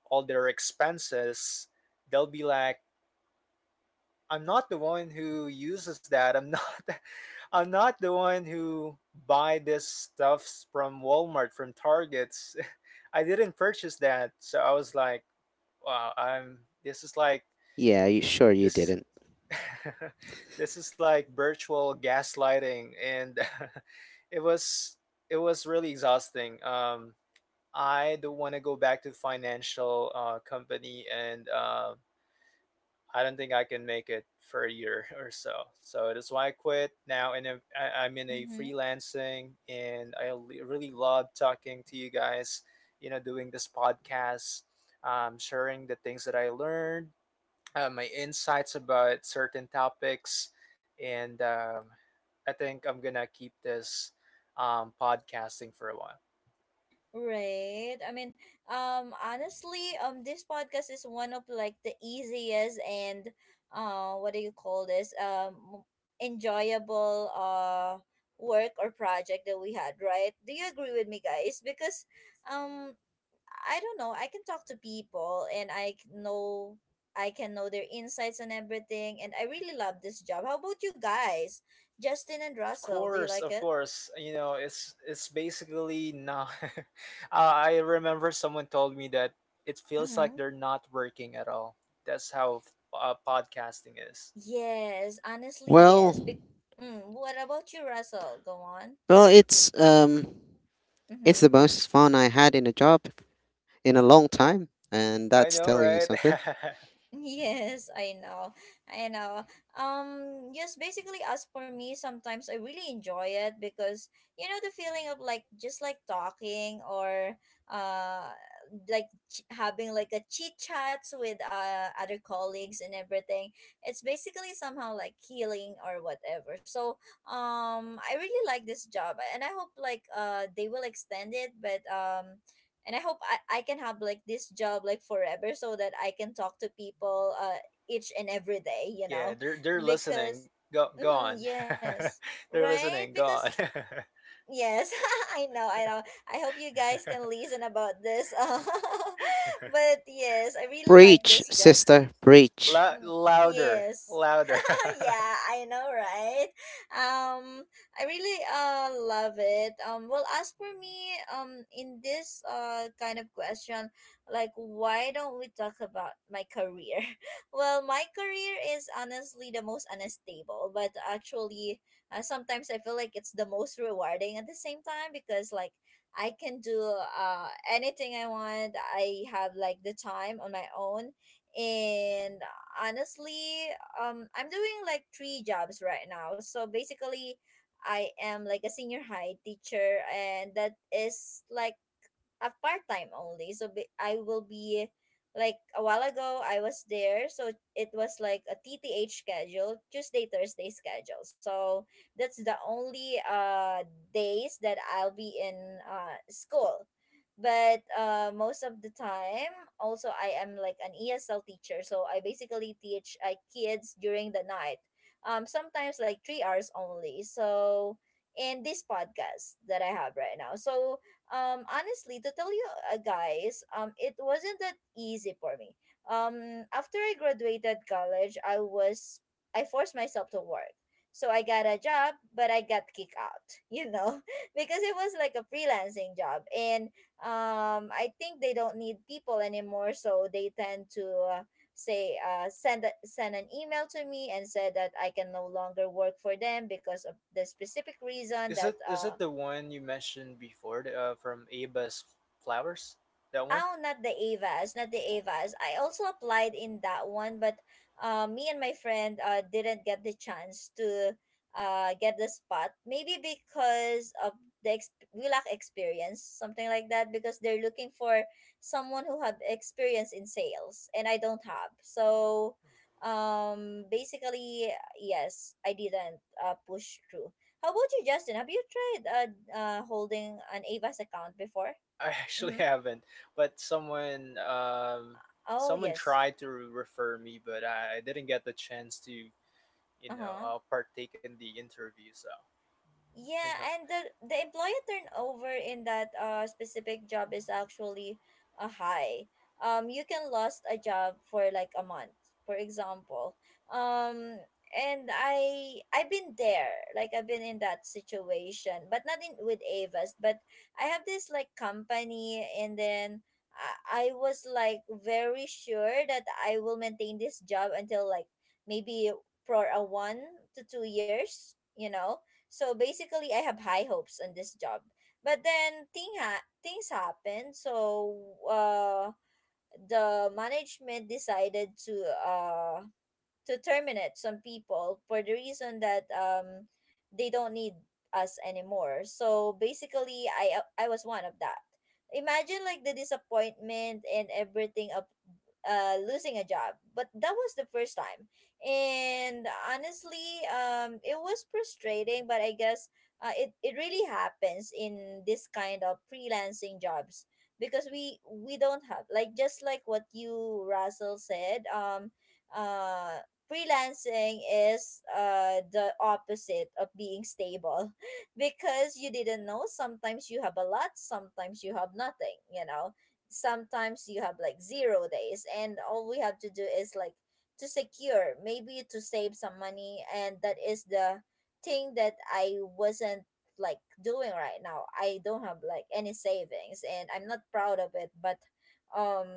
[SPEAKER 2] all their expenses, they'll be like, I'm not the one who uses that. I'm not. I'm not the one who buy this stuffs from Walmart, from Targets. I didn't purchase that. So I was like, wow, I'm this is like
[SPEAKER 3] Yeah, you, sure you
[SPEAKER 2] this.
[SPEAKER 3] didn't.
[SPEAKER 2] This is like virtual gaslighting, and it was it was really exhausting. I don't want to go back to financial company, and I don't think I can make it for a year or so. So that's why I quit now. And I'm- I am in a
[SPEAKER 1] Mm-hmm.
[SPEAKER 2] freelancing, and I really love talking to you guys. You know, doing this podcast, sharing the things that I learned, my insights about certain topics, and I think I'm gonna keep this podcasting for a while.
[SPEAKER 1] Right. I mean, honestly, this podcast is one of like the easiest and what do you call this? Enjoyable work or project that we had, right? Do you agree with me, guys? Because um, I don't know. I can talk to people and know I can know their insights and everything, and I really love this job. How about you guys, Justin and
[SPEAKER 2] Of
[SPEAKER 1] Russell? Do you
[SPEAKER 2] course,
[SPEAKER 1] like
[SPEAKER 2] of
[SPEAKER 1] it?
[SPEAKER 2] course. You know, it's basically not. I remember someone told me that it feels like
[SPEAKER 1] Mm-hmm.
[SPEAKER 2] they're not working at all. That's how podcasting is.
[SPEAKER 1] Yes, honestly, yes.
[SPEAKER 3] Well,
[SPEAKER 1] What about you, Russell? Go on.
[SPEAKER 3] well, it's the
[SPEAKER 1] Mm-hmm.
[SPEAKER 3] most fun I had in a job in a long time, and
[SPEAKER 2] I
[SPEAKER 3] that's
[SPEAKER 2] know,
[SPEAKER 3] telling you
[SPEAKER 2] right?
[SPEAKER 3] something.
[SPEAKER 1] Yes, I know. I know. Yes, basically as for me, sometimes I really enjoy it because you know the feeling of like just like talking or uh having like a chit chats with other colleagues and everything. It's basically somehow like healing or whatever. So, I really like this job and I hope like they will extend it, but and I can have like this job like forever so that I can talk to people each and every day, you know,
[SPEAKER 2] Yeah, they're
[SPEAKER 1] because
[SPEAKER 2] listening. Go
[SPEAKER 1] mhm,
[SPEAKER 2] on.
[SPEAKER 1] yes,
[SPEAKER 2] They're
[SPEAKER 1] right,
[SPEAKER 2] listening. Go
[SPEAKER 1] because
[SPEAKER 2] on.
[SPEAKER 1] yes. I know, I know. I hope you guys can listen about this. But yes, I really like
[SPEAKER 3] Preach,
[SPEAKER 1] this job.
[SPEAKER 3] sister, preach.
[SPEAKER 2] Louder, louder.
[SPEAKER 1] Yeah, I know, right? Um, I really love it. Well, as for me, in this kind of question, like, why don't we talk about my career? Well, my career is honestly the most unstable, but actually, sometimes I feel like it's the most rewarding at the same time because like I can do anything I want. I have like the time on my own and honestly, I'm doing like three jobs right now. So basically, I am like a senior high teacher, and that is like a part time only. I will be like a while ago I was there, so it was like a TTH schedule, Tuesday Thursday schedule. So that's the only days that I'll be in school. But most of the time, also I am like an ESL teacher, so I basically teach kids during the night. Sometimes like 3 hours only. So in this podcast that I have right now. So honestly to tell you guys, it wasn't that easy for me. Um, after I graduated college, I forced myself to work, so I got a job but I got kicked out you know because it was like a freelancing job and I think they don't need people anymore so they tend to say send an email to me and said that I can no longer work for them because of the specific reason
[SPEAKER 2] Is
[SPEAKER 1] that
[SPEAKER 2] it is it the one you mentioned before, the, from Aba's Flowers? That one?
[SPEAKER 1] Oh, not the Avas, not the Avas. I also applied in that one, but me and my friend didn't get the chance to get the spot. Maybe because of we lack experience, something like that. Because they're looking for someone who have experience in sales, and I don't have. So, basically, yes, I didn't push through. How about you, Justin? Have you tried holding an Avas account before?
[SPEAKER 2] I actually
[SPEAKER 1] Mm-hmm.
[SPEAKER 2] haven't, but
[SPEAKER 1] Oh
[SPEAKER 2] someone
[SPEAKER 1] yes.
[SPEAKER 2] tried to refer me, but I didn't get the chance to, you know,
[SPEAKER 1] Uh-huh.
[SPEAKER 2] partake in the interview. So, you
[SPEAKER 1] Yeah,
[SPEAKER 2] know,
[SPEAKER 1] and the employee turnover in that specific job is actually a high. You can lost a job for like a month, for example. Um, and I've been there, like I've been in that situation, but not in with Avis, but I have this like company, and then I was like very sure that I will maintain this job until like maybe for a 1 to 2 years, you know, so basically, I have high hopes on this job. But then things happened. So uh, the management decided uh, to terminate some people for the reason that they don't need us anymore. So basically, I was one of that. Imagine like the disappointment and everything of losing a job, but that was the first time. And honestly, it was frustrating, but I guess it it really happens in this kind of freelancing jobs because we don't have like just like what you Russell said uh freelancing is the opposite of being stable. Because you didn't know, sometimes you have a lot, sometimes you have nothing, you know, sometimes you have like 0 days, and all we have to do is like to secure maybe to save some money, and that is the thing that I wasn't like doing right now. I don't have like any savings and I'm not proud of it, but um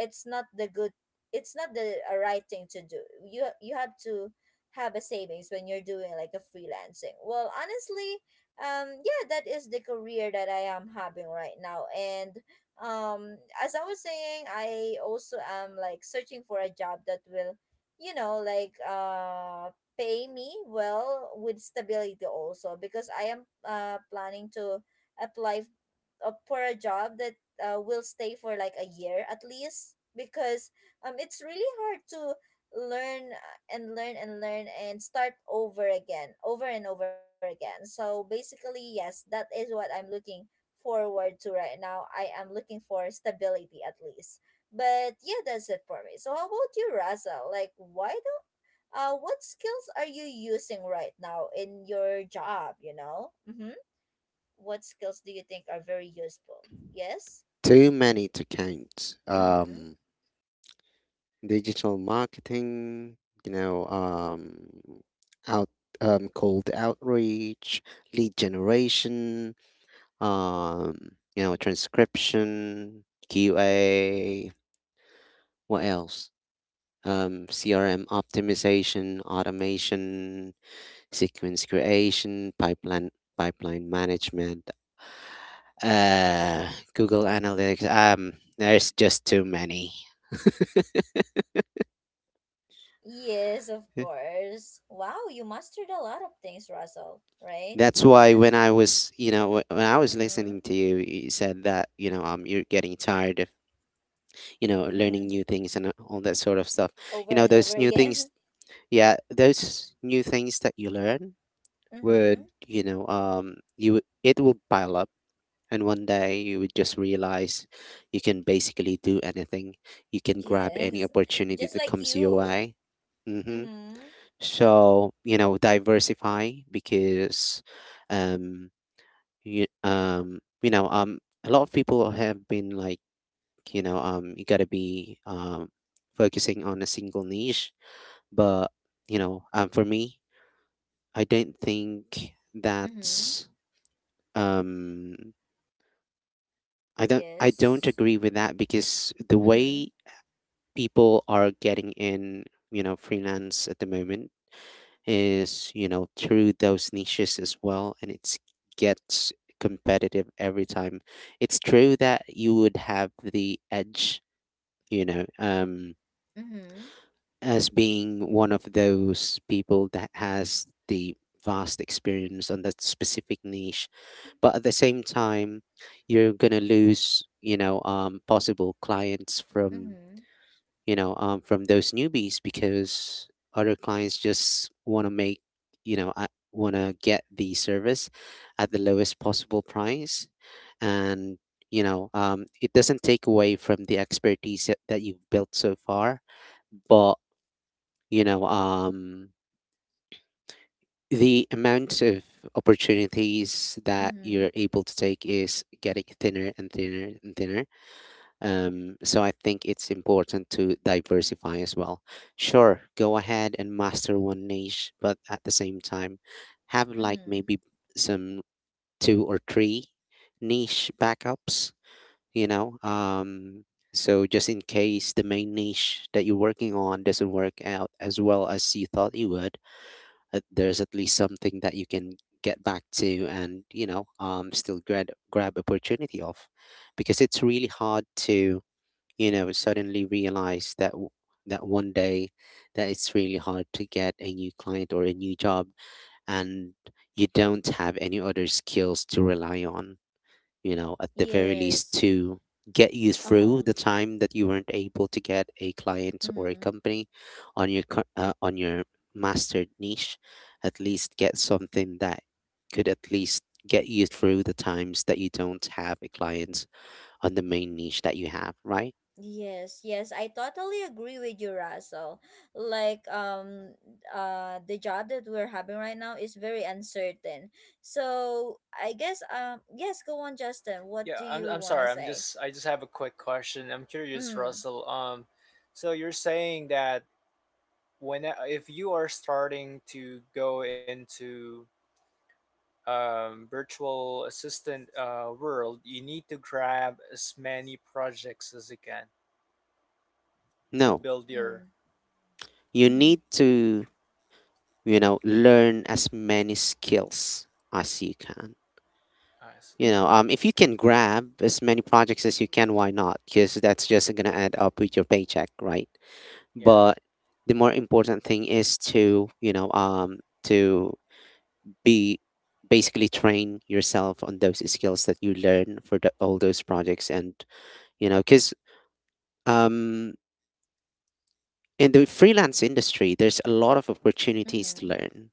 [SPEAKER 1] it's not the good, it's not the a right thing to do. You have to have a savings when you're doing like a freelancing. Well, honestly, yeah, that is the career that I am having right now, and um, as I was saying, I also am like searching for a job that will, you know, like pay me well with stability also because I am planning to apply up for a job that will stay for like a year at least because it's really hard to learn and learn and learn and start over again over and over again. So basically yes that is what I'm looking forward to right now. I am looking for stability at least, but yeah that's it for me. So how about you, Raza, like why do what skills are you using right now in your job, you know, mhm, what skills do you think are very useful? Yes?
[SPEAKER 3] Too many to count.
[SPEAKER 1] Mm-hmm.
[SPEAKER 3] Digital marketing, you know, out, cold outreach, lead generation, transcription, QA. What else? CRM optimization, automation, sequence creation, pipeline management, Google Analytics. There's just too many.
[SPEAKER 1] Yes, of course. Wow, you mastered a lot of things, Russell, right?
[SPEAKER 3] That's why when I was, you know, when I was
[SPEAKER 1] Mm-hmm.
[SPEAKER 3] listening to you, you said that, you know, you're getting tired of, you know, learning
[SPEAKER 1] Mm-hmm.
[SPEAKER 3] new things and all that sort of stuff.
[SPEAKER 1] Over
[SPEAKER 3] You know,
[SPEAKER 1] and over
[SPEAKER 3] those new things,
[SPEAKER 1] again.
[SPEAKER 3] yeah, those new things that you learn
[SPEAKER 1] Mm-hmm.
[SPEAKER 3] would, you know, you it will pile up. And one day you would just realize you can basically do anything. You can grab any
[SPEAKER 1] Yes.
[SPEAKER 3] opportunity
[SPEAKER 1] Just
[SPEAKER 3] that
[SPEAKER 1] like
[SPEAKER 3] comes your
[SPEAKER 1] you.
[SPEAKER 3] way. Mm-hmm.
[SPEAKER 1] Mm-hmm.
[SPEAKER 3] So, you know, diversify because, um, a lot of people have been like, you know, you gotta be focusing on a single niche. But, you know, for me, I don't think
[SPEAKER 1] Mm-hmm.
[SPEAKER 3] that's um I don't
[SPEAKER 1] Yes.
[SPEAKER 3] agree with that because the
[SPEAKER 1] Mm-hmm.
[SPEAKER 3] way people are getting in, you know, freelance at the moment is, you know, through those niches as well and it gets competitive every time. It's true that you would have the edge, you know,
[SPEAKER 1] Mm-hmm.
[SPEAKER 3] as being one of those people that has the vast experience on that specific niche, but at the same time you're gonna lose, you know, possible clients from,
[SPEAKER 1] Mm-hmm.
[SPEAKER 3] you know, from those newbies because other clients just want to make, you know, I want to get the service at the lowest possible price, and you know, it doesn't take away from the expertise that you've built so far, but you know, the amount of opportunities that
[SPEAKER 1] Mm-hmm.
[SPEAKER 3] you're able to take is getting thinner and thinner and thinner. So I think it's important to diversify as well. Sure, go ahead and master one niche, but at the same time, have like
[SPEAKER 1] Mm-hmm.
[SPEAKER 3] maybe some two or three niche backups, you know? So just in case the main niche that you're working on doesn't work out as well as you thought it would, there's at least something that you can get back to and you know, still grab opportunity of, because it's really hard to, you know, suddenly realize that that one day, that it's really hard to get a new client or a new job, and you don't have any other skills to rely on, you know, at the very least
[SPEAKER 1] Yes.
[SPEAKER 3] to get you through
[SPEAKER 1] Uh-huh.
[SPEAKER 3] the time that you weren't able to get a client or a
[SPEAKER 1] Mm-hmm.
[SPEAKER 3] company on your on your mastered niche. At least get something that could at least get you through the times that you don't have a client on the main niche that you have, right?
[SPEAKER 1] Yes, yes, I totally agree with you, Russell. Like, the job that we're having right now is very uncertain. So I guess, yes, go on, Justin. What
[SPEAKER 2] yeah,
[SPEAKER 1] do you
[SPEAKER 2] I'm
[SPEAKER 1] want?
[SPEAKER 2] sorry. I just have a quick question. I'm curious,
[SPEAKER 1] Mm,
[SPEAKER 2] Russell. So you're saying that when if you are starting to go into virtual assistant world, you need to grab as many projects as you can to
[SPEAKER 3] No,
[SPEAKER 2] build your.
[SPEAKER 3] you
[SPEAKER 1] mm-hmm,
[SPEAKER 3] need to, you know, learn as many skills as you can.
[SPEAKER 2] I see.
[SPEAKER 3] You know,
[SPEAKER 1] mm-hmm,
[SPEAKER 3] if you can grab as many projects as you can, why not? Because that's just gonna add up with your paycheck, right?
[SPEAKER 2] Yeah,
[SPEAKER 3] But the more important thing is to, you know, to be basically train yourself on those skills that you learn for the, all those projects, and you know, because um, in the freelance industry, there's a lot of opportunities
[SPEAKER 1] mm-hmm.
[SPEAKER 3] to learn.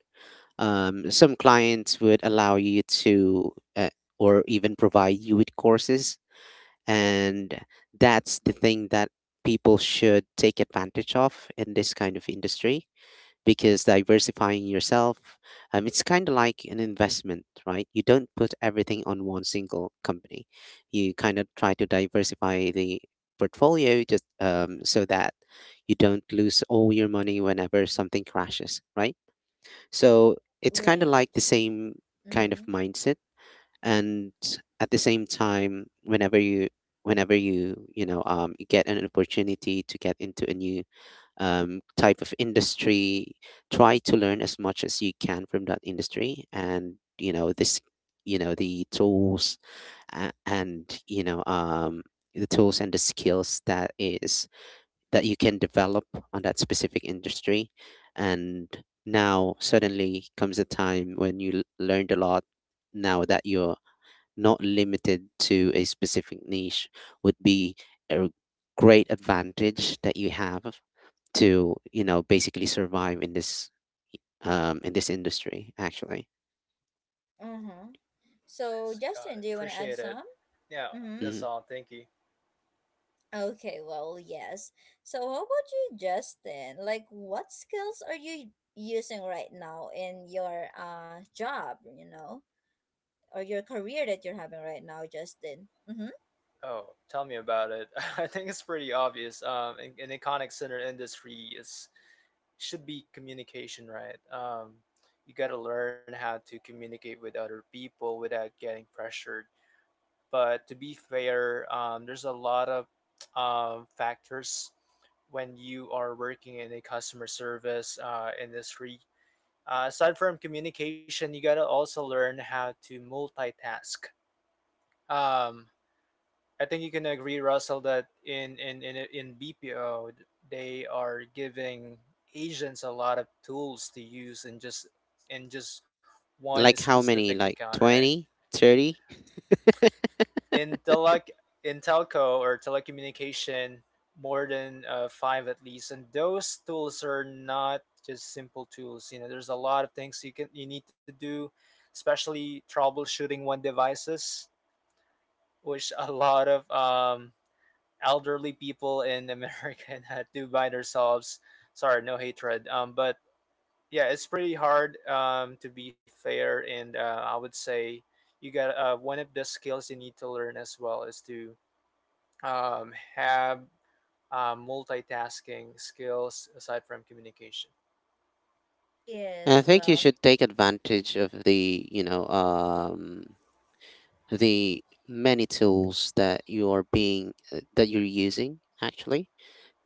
[SPEAKER 3] Some clients would allow you to, uh, or even provide you with courses. And that's the thing that people should take advantage of in this kind of industry, because diversifying yourself, it's kind of like an investment, right? You don't put everything on one single company. You kind of try to diversify the portfolio just so that you don't lose all your money whenever something crashes, right? So it's kind of like
[SPEAKER 1] Right.
[SPEAKER 3] the same kind of
[SPEAKER 1] Mm-hmm.
[SPEAKER 3] mindset. And at the same time, whenever you, you know, you get an opportunity to get into a new type of industry, try to learn as much as you can from that industry and you know, the tools and the tools and the skills that is that you can develop on that specific industry. And now suddenly comes a time when you learned a lot, now that you're not limited to a specific niche, would be a great advantage that you have to, you know, basically survive in this in this industry actually.
[SPEAKER 1] Uh-huh. So,
[SPEAKER 2] that's got
[SPEAKER 1] Justin,
[SPEAKER 2] it.
[SPEAKER 1] do you want to add?
[SPEAKER 2] Appreciate it. Yeah,
[SPEAKER 1] Mm-hmm.
[SPEAKER 2] that's
[SPEAKER 3] Hmm,
[SPEAKER 2] all. Thank you.
[SPEAKER 1] Okay, well, yes. So, how about you, Justin? Like, what skills are you using right now in your job? You know. Or your career that you're having right now, Justin. Mm-hmm.
[SPEAKER 2] Oh, tell me about it. I think it's pretty obvious. An iconic center industry is should be communication, right? You got to learn how to communicate with other people without getting pressured. But to be fair, there's a lot of factors when you are working in a customer service industry. Aside from communication, you gotta also learn how to multitask. Um, I think you can agree, Russell, that in BPO, they are giving agents a lot of tools to use in just in just one
[SPEAKER 3] like how
[SPEAKER 2] specific
[SPEAKER 3] many, like
[SPEAKER 2] account, right?
[SPEAKER 3] 20, 30?
[SPEAKER 2] in telec in telco or telecommunication, more than five at least, and those tools are not just simple tools. You know, there's a lot of things you need to do, especially troubleshooting one devices, which a lot of elderly people in America had to by themselves. Sorry, no hatred, but yeah, it's pretty hard, to be fair. And I would say, you got one of the skills you need to learn as well is to have multitasking skills aside from communication.
[SPEAKER 3] I
[SPEAKER 1] Yes,
[SPEAKER 3] think you
[SPEAKER 1] well.
[SPEAKER 3] should take advantage of the, you know, the many tools that you are being, that you're using actually.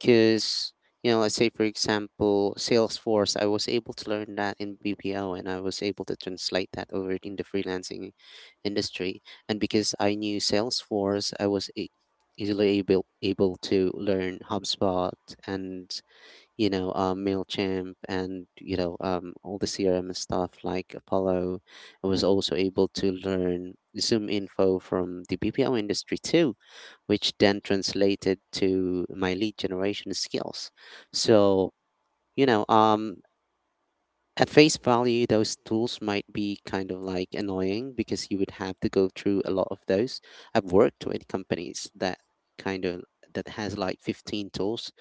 [SPEAKER 3] Because, you know, let's say, for example, Salesforce, I was able to learn that in BPO and I was able to translate that over in the freelancing industry. And because I knew Salesforce, I was easily able to learn HubSpot and you know, MailChimp and, you know, all the CRM stuff like Apollo. I was also able to learn Zoom info from the BPO industry too, which then translated to my lead generation skills. So, you know, at face value, those tools might be kind of like annoying because you would have to go through a lot of those. I've worked with companies that kind of has like 15 tools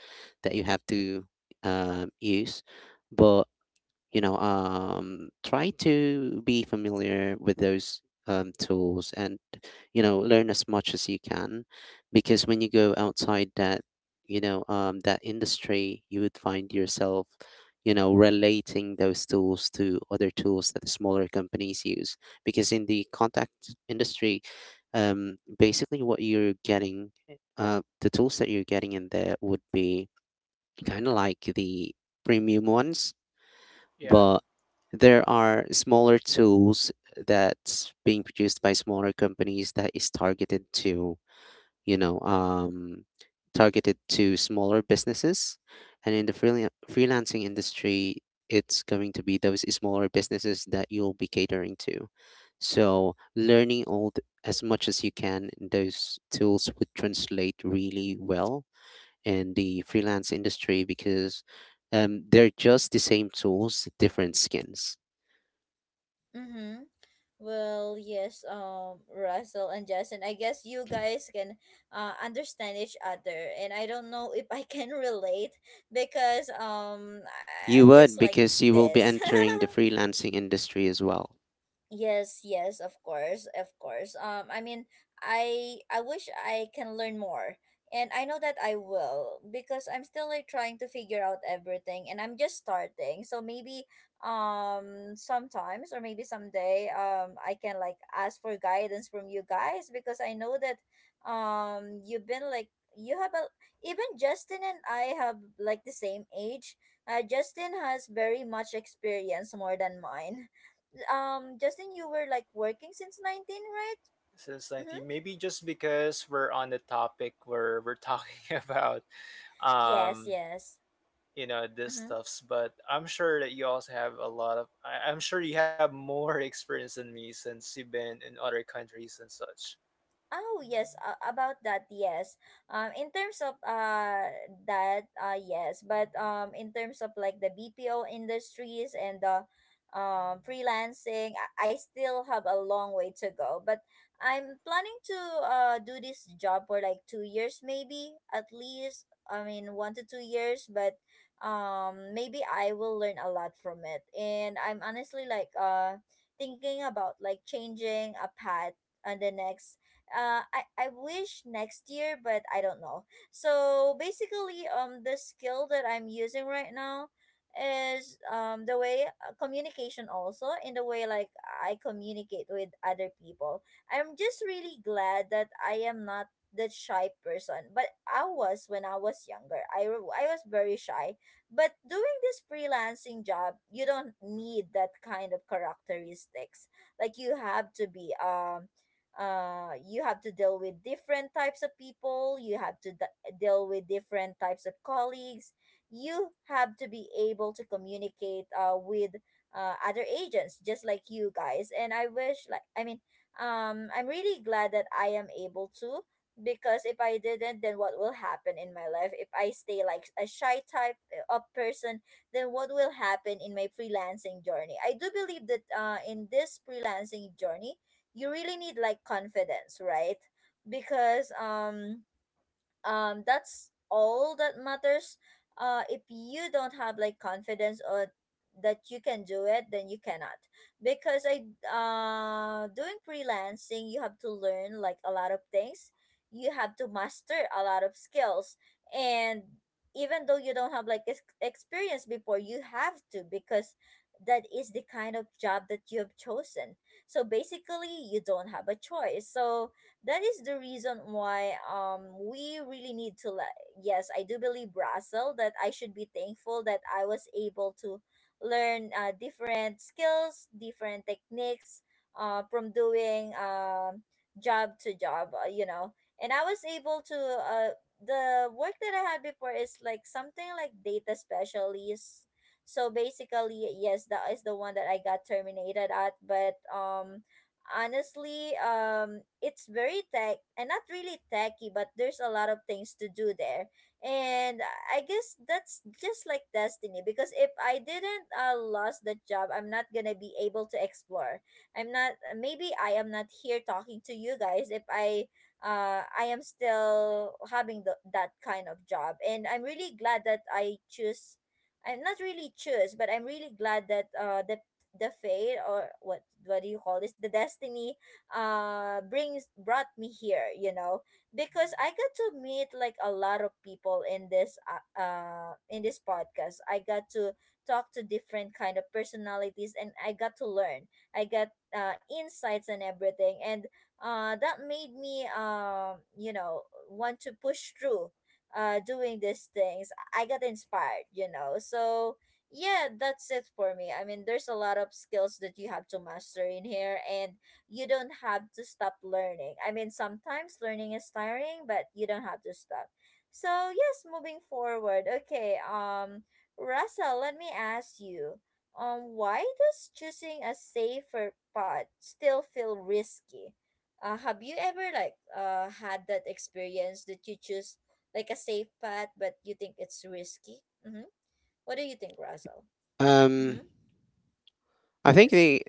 [SPEAKER 3] that you have to use, but you know try to be familiar with those tools and you know learn as much as you can because when you go outside that, you know, that industry, you would find yourself, you know, relating those tools to other tools that the smaller companies use, because in the contact industry, basically what you're getting, the tools that you're getting in there would be kind of like the premium ones.
[SPEAKER 2] Yeah,
[SPEAKER 3] But there are smaller tools that's being produced by smaller companies that is targeted to, you know, targeted to smaller businesses, and in the freelancing industry, it's going to be those smaller businesses that you'll be catering to. So learning all as much as you can in those tools would translate really well in the freelance industry because they're just the same tools, different skins.
[SPEAKER 1] Mm-hmm. Well, yes, Russell and Justin, I guess you guys can understand each other. And I don't know if I can relate because
[SPEAKER 3] You
[SPEAKER 1] I'm just
[SPEAKER 3] would
[SPEAKER 1] like
[SPEAKER 3] because you will be
[SPEAKER 1] this.
[SPEAKER 3] entering the freelancing industry as well.
[SPEAKER 1] Yes, yes, of course, of course. I mean, I wish I can learn more, and I know that I will because I'm still like trying to figure out everything, and I'm just starting. So maybe, sometimes or maybe someday, I can like ask for guidance from you guys because I know that, you've been like you have a even Justin and I have like the same age. Justin has very much experience more than mine. Justin, you were like working since 19, right?
[SPEAKER 2] since
[SPEAKER 1] Mm-hmm.
[SPEAKER 2] 19, maybe just because we're on the topic where we're talking about,
[SPEAKER 1] Yes,
[SPEAKER 2] um,
[SPEAKER 1] yes.
[SPEAKER 2] you know, this stuffs, but I'm sure that you also have a lot of, I'm sure you have more experience than me since you've been in other countries and such.
[SPEAKER 1] Oh yes, about that yes. In terms of that yes, but in terms of like the BPO industries and the freelancing, I still have a long way to go. But I'm planning to do this job for like 2 years maybe at least. I mean 1 to 2 years, but maybe I will learn a lot from it. And I'm honestly like thinking about like changing a path on the next I wish next year, but I don't know. So basically, the skill that I'm using right now is the way communication also in the way like I communicate with other people. I'm just really glad that I am not the shy person, but I was when I was younger. I was very shy, but doing this freelancing job you don't need that kind of characteristics. Like, you have to be you have to deal with different types of people. You have to deal with different types of colleagues. You have to be able to communicate with other agents just like you guys. And I wish, like, I mean, I'm really glad that I am able to, because if I didn't, then what will happen in my life if I stay like a shy type of person? Then what will happen in my freelancing journey? I do believe that in this freelancing journey you really need like confidence, right? Because that's all that matters. Uh, if you don't have like confidence or that you can do it, then you cannot, because I doing freelancing, you have to learn like a lot of things. You have to master a lot of skills, and even though you don't have like experience before, you have to, because that is the kind of job that you have chosen. So basically you don't have a choice. So that is the reason why, we really need to, like, yes, I do believe, Russell, that I should be thankful that I was able to learn different skills, different techniques, from doing job to job, you know. And I was able to the work that I had before is like something like data specialist. So basically, yes, that is the one that I got terminated at. But honestly, it's very tech and not really techy, but there's a lot of things to do there. And I guess that's just like destiny, because if I didn't lost the job, I'm not gonna be able to explore. I'm not. Maybe I am not here talking to you guys if I. I am still having the, that kind of job. And I'm really glad that I choose. I'm not really choose, but I'm really glad that, the fate, or what do you call this, the destiny, brings brought me here, you know, because I got to meet like a lot of people in this podcast. I got to talk to different kind of personalities, and I got to learn. I got insights and everything. And that made me, you know, want to push through doing these things. I got inspired, you know. So yeah, that's it for me. I mean, there's a lot of skills that you have to master in here, and you don't have to stop learning. I mean, sometimes learning is tiring, but you don't have to stop. So yes, moving forward. Okay, Russell, let me ask you, why does choosing a safer path still feel risky? Have you ever like had that experience that you choose like a safe path, but you think it's risky? Mm-hmm. What do you think, Russell?
[SPEAKER 3] Um,
[SPEAKER 1] Mm-hmm.
[SPEAKER 3] I think
[SPEAKER 1] Yes.
[SPEAKER 3] the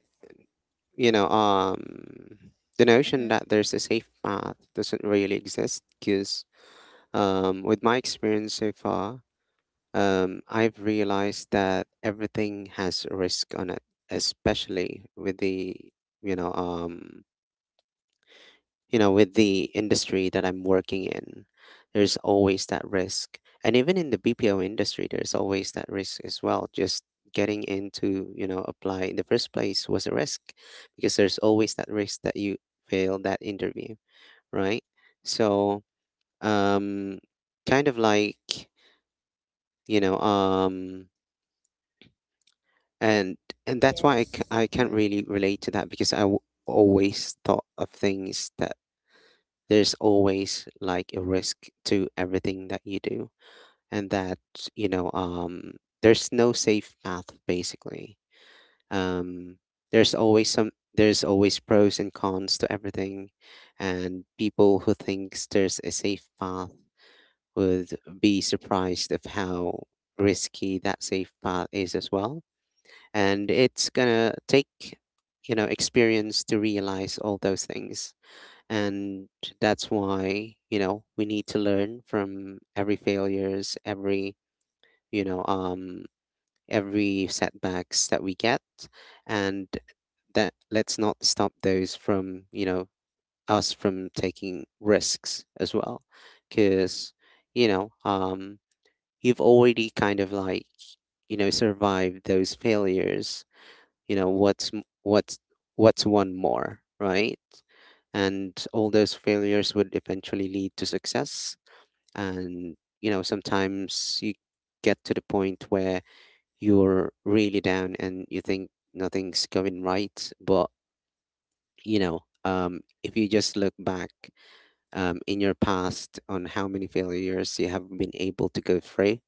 [SPEAKER 3] you know um the
[SPEAKER 1] Mm-hmm.
[SPEAKER 3] notion that there's a safe path doesn't really exist because um, with my experience so far, I've realized that everything has a risk on it, especially with the you know um with the industry that I'm working in. There's always that risk, and even in the BPO industry, there's always that risk as well. Just getting into apply in the first place was a risk because there's always that risk that you fail that interview, right? So um, kind of like. you know um and and that's why
[SPEAKER 1] Yes.
[SPEAKER 3] I can't
[SPEAKER 1] Mm-hmm.
[SPEAKER 3] really relate to that because I always thought of things that there's always like a risk to everything that you do, and that you know um there's no safe path basically. um there's always some there's always pros and cons to everything, and people who thinks there's a safe path would be surprised of how risky that safe path is as well, and it's gonna take experience to realize all those things. And that's why we need to learn from every failures, every you know um every setbacks that we get. And that, let's not stop those from us from taking risks as well, because you know um you've already kind of like survived those failures. You know what's what's one more, right? And all those failures would eventually lead to success. And sometimes you get to the point where you're really down and you think nothing's going right, but if you just look back, in your past, on how many failures you have been able to go through,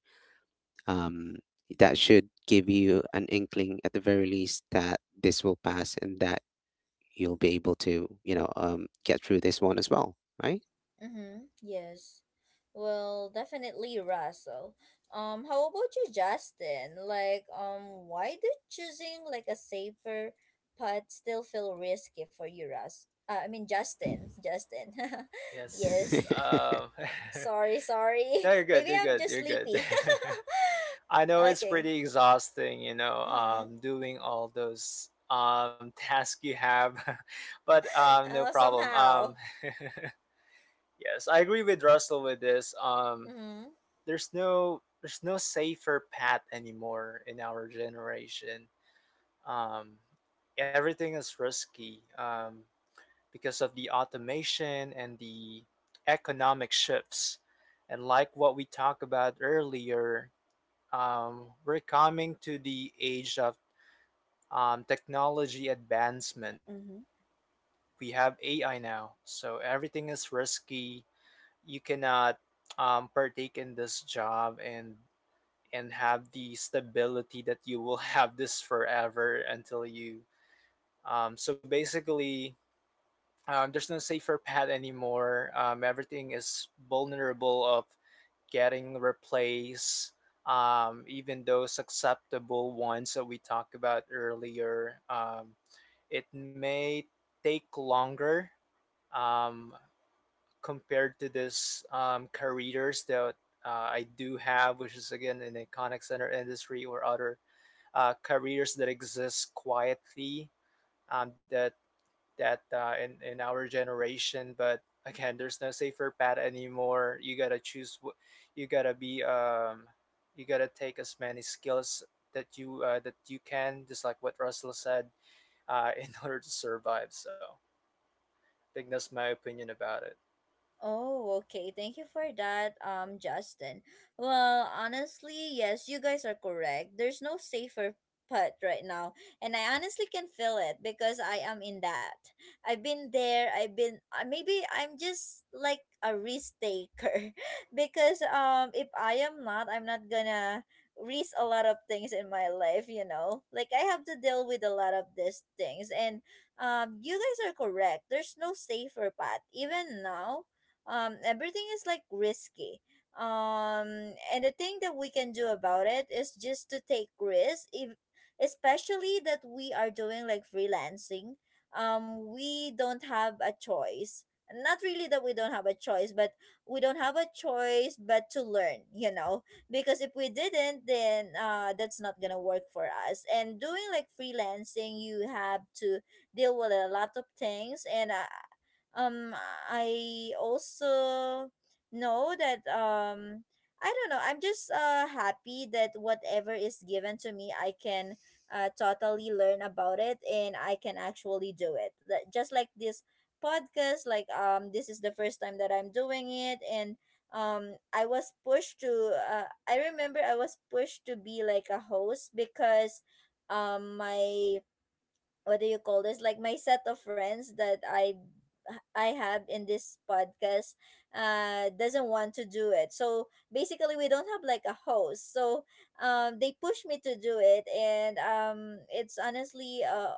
[SPEAKER 3] um, that should give you an inkling at the very least that this will pass and that you'll be able to, get through this one as well, right?
[SPEAKER 1] Mm-hmm. Yes. Well, definitely, Russell. How about you, Justin? Like, why did choosing like a safer path still feel risky for you, Russ? I mean, Justin. Justin.
[SPEAKER 2] Yes.
[SPEAKER 1] Yes. Sorry, sorry.
[SPEAKER 2] No, you're good. You're good. You're good.
[SPEAKER 1] Me.
[SPEAKER 2] I know it's pretty exhausting, you know, doing all those tasks you have, but no problem.
[SPEAKER 1] Somehow.
[SPEAKER 2] Yes, I agree with Russell with this.
[SPEAKER 1] Mm-hmm.
[SPEAKER 2] There's no safer path anymore in our generation. Um, everything is risky, because of the automation and the economic shifts, and like what we talked about earlier, we're coming to the age of technology advancement. We have AI now, so everything is risky. You cannot partake in this job and have the stability that you will have this forever until you. So basically, there's no safer path anymore. Everything is vulnerable of getting replaced. Even those acceptable ones that we talked about earlier, it may take longer um, compared to this careers that I do have, which is again in the contact center industry, or other careers that exist quietly um, that that in our generation. But again, there's no safer path anymore. You gotta choose. You gotta be. You gotta take as many skills that you can, just like what Russell said, in order to survive. So think that's my opinion about it.
[SPEAKER 1] Oh, okay. Thank you for that, Justin. Well, honestly, yes, you guys are correct. There's no safer putt right now, and I honestly can feel it because I am in that. I've been there. I've been. Maybe I'm just like a risk taker, because if I am not, I'm not gonna risk a lot of things in my life. You know, like, I have to deal with a lot of these things. And you guys are correct. There's no safer path even now. Um, everything is like risky. Um, and the thing that we can do about it is just to take risks, if, especially that we are doing like freelancing, we don't have a choice. Not really that we don't have a choice, but we don't have a choice but to learn, you know. Because if we didn't, then that's not gonna work for us. And doing like freelancing, you have to deal with a lot of things. And um I also know that, I don't know, I'm just happy that whatever is given to me, I can totally learn about it, and I can actually do it. That, just like this podcast, like, this is the first time that I'm doing it. And I was pushed to I remember I was pushed to be like a host, because my, what do you call this, like my set of friends that I have in this podcast doesn't want to do it. So basically we don't have like a host. So they push me to do it. And it's honestly uh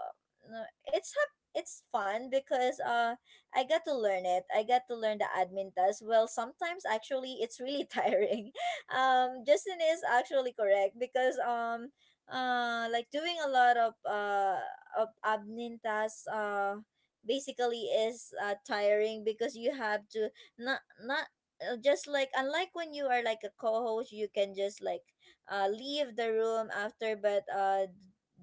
[SPEAKER 1] no- it's hap- it's fun, because I got to learn it. I got to learn the admin task. Well, sometimes actually it's really tiring. Justin is actually correct because, like doing a lot of admin tasks basically is tiring, because you have to, not not just like, unlike when you are like a co-host, you can just like leave the room after. But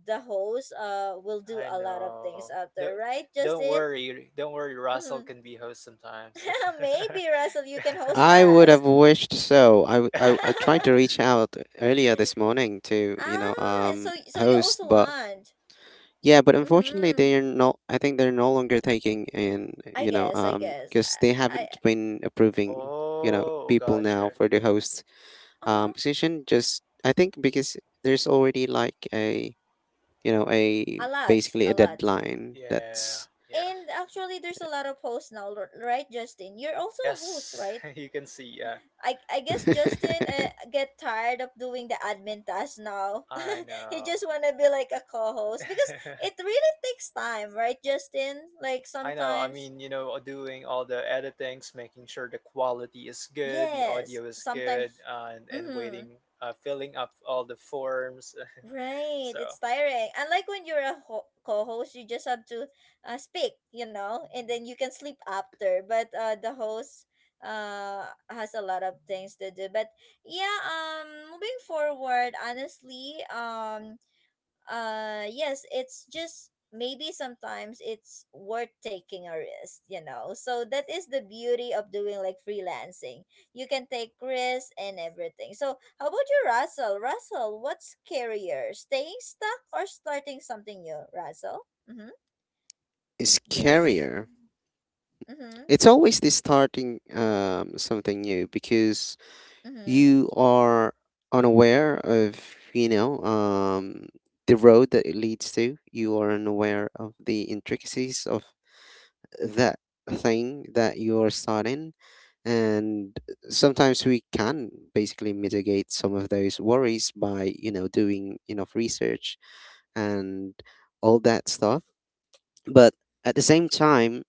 [SPEAKER 1] the host will do
[SPEAKER 2] I
[SPEAKER 1] a lot of
[SPEAKER 2] know.
[SPEAKER 1] things
[SPEAKER 2] Don't
[SPEAKER 1] after, right,
[SPEAKER 2] don't
[SPEAKER 1] Justin?
[SPEAKER 2] worry, don't worry. Russell
[SPEAKER 1] Mm-hmm.
[SPEAKER 2] can be host sometimes.
[SPEAKER 1] Maybe Russell, you can host
[SPEAKER 3] I would
[SPEAKER 1] us.
[SPEAKER 3] have wished so. I tried to reach out earlier this morning to,
[SPEAKER 1] Ah, so, so you
[SPEAKER 3] host,
[SPEAKER 1] also
[SPEAKER 3] but
[SPEAKER 1] want.
[SPEAKER 3] yeah, but unfortunately
[SPEAKER 1] Mm-hmm.
[SPEAKER 3] they are not, I think they're no longer taking in,
[SPEAKER 1] i guess i guess
[SPEAKER 3] because they
[SPEAKER 1] I
[SPEAKER 3] haven't been approving, you know,
[SPEAKER 2] Oh,
[SPEAKER 3] people now
[SPEAKER 2] gotcha.
[SPEAKER 3] for the host,
[SPEAKER 1] uh-huh,
[SPEAKER 3] position. Just, I think because there's already like a, a
[SPEAKER 1] a lot,
[SPEAKER 3] basically
[SPEAKER 1] a
[SPEAKER 3] a
[SPEAKER 1] lot.
[SPEAKER 3] deadline
[SPEAKER 2] Yeah,
[SPEAKER 3] that's
[SPEAKER 2] yeah.
[SPEAKER 1] And actually, there's a lot of hosts now, right, Justin? You're also a host,
[SPEAKER 2] Yes,
[SPEAKER 1] right?
[SPEAKER 2] you can see. Yeah,
[SPEAKER 1] I guess Justin get tired of doing the admin task now.
[SPEAKER 2] I
[SPEAKER 1] He
[SPEAKER 2] know.
[SPEAKER 1] just want to be like a co-host, because it really takes time, right, Justin? Like
[SPEAKER 2] I know. I
[SPEAKER 1] sometimes,
[SPEAKER 2] mean, you know, doing all the editings, making sure the quality is good, the
[SPEAKER 1] yes,
[SPEAKER 2] audio is good,
[SPEAKER 1] sometimes.
[SPEAKER 2] and
[SPEAKER 1] Mm-hmm.
[SPEAKER 2] waiting, filling up all the forms.
[SPEAKER 1] Right, it's
[SPEAKER 2] So
[SPEAKER 1] tiring. Unlike when you're a co-host, you just have to speak, you know, and then you can sleep after. But the host has a lot of things to do. But yeah, moving forward, honestly, yes, it's just maybe sometimes it's worth taking a risk, you know. So that is the beauty of doing like freelancing. You can take risks and everything. So how about you, Russell? Russell, what's scarier, staying stuck or starting something new, Russell? Mm-hmm. Yes.
[SPEAKER 3] scarier.
[SPEAKER 1] Mm-hmm.
[SPEAKER 3] It's always this starting something new because
[SPEAKER 1] Mm-hmm.
[SPEAKER 3] you are unaware of, you know, um, the road that it leads to. You are unaware of the intricacies of that thing that you're starting. And sometimes we can basically mitigate some of those worries by, doing enough research and all that stuff, but at the same time,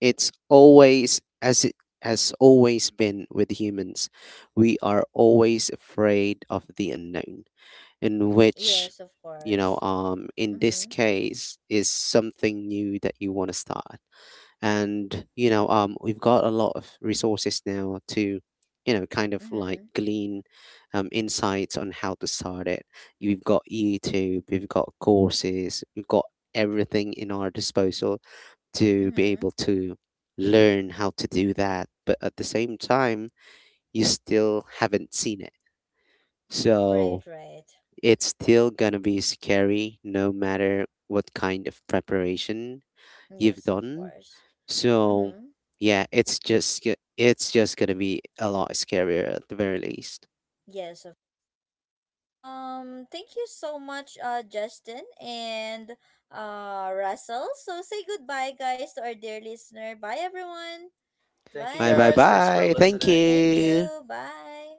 [SPEAKER 3] it's always as it has always been with humans. We are always afraid of the unknown, in which,
[SPEAKER 1] Yes, of course.
[SPEAKER 3] in this
[SPEAKER 1] Mm-hmm.
[SPEAKER 3] case, is something new that you want to start. And we've got a lot of resources now to
[SPEAKER 1] Mm-hmm.
[SPEAKER 3] glean insights on how to start it. You've got YouTube, we've got courses, we've got everything in our disposal to be
[SPEAKER 1] Mm-hmm.
[SPEAKER 3] able to learn how to do that. But at the same time, you still haven't seen it. So
[SPEAKER 1] Right, right.
[SPEAKER 3] it's still going to be scary no matter what kind of preparation you've
[SPEAKER 1] Yes, of
[SPEAKER 3] done.
[SPEAKER 1] course.
[SPEAKER 3] So
[SPEAKER 1] Mm-hmm.
[SPEAKER 3] yeah, it's just going to be a lot scarier at the very least.
[SPEAKER 1] Yes. Thank you so much, Justin and Russell. So say goodbye, guys, to our dear listener. Bye, everyone.
[SPEAKER 2] thank you
[SPEAKER 3] Bye bye
[SPEAKER 2] guys.
[SPEAKER 1] Bye.
[SPEAKER 2] Thanks for
[SPEAKER 3] bye. Thank
[SPEAKER 2] listening.
[SPEAKER 1] Thank
[SPEAKER 3] you.
[SPEAKER 1] you. Bye.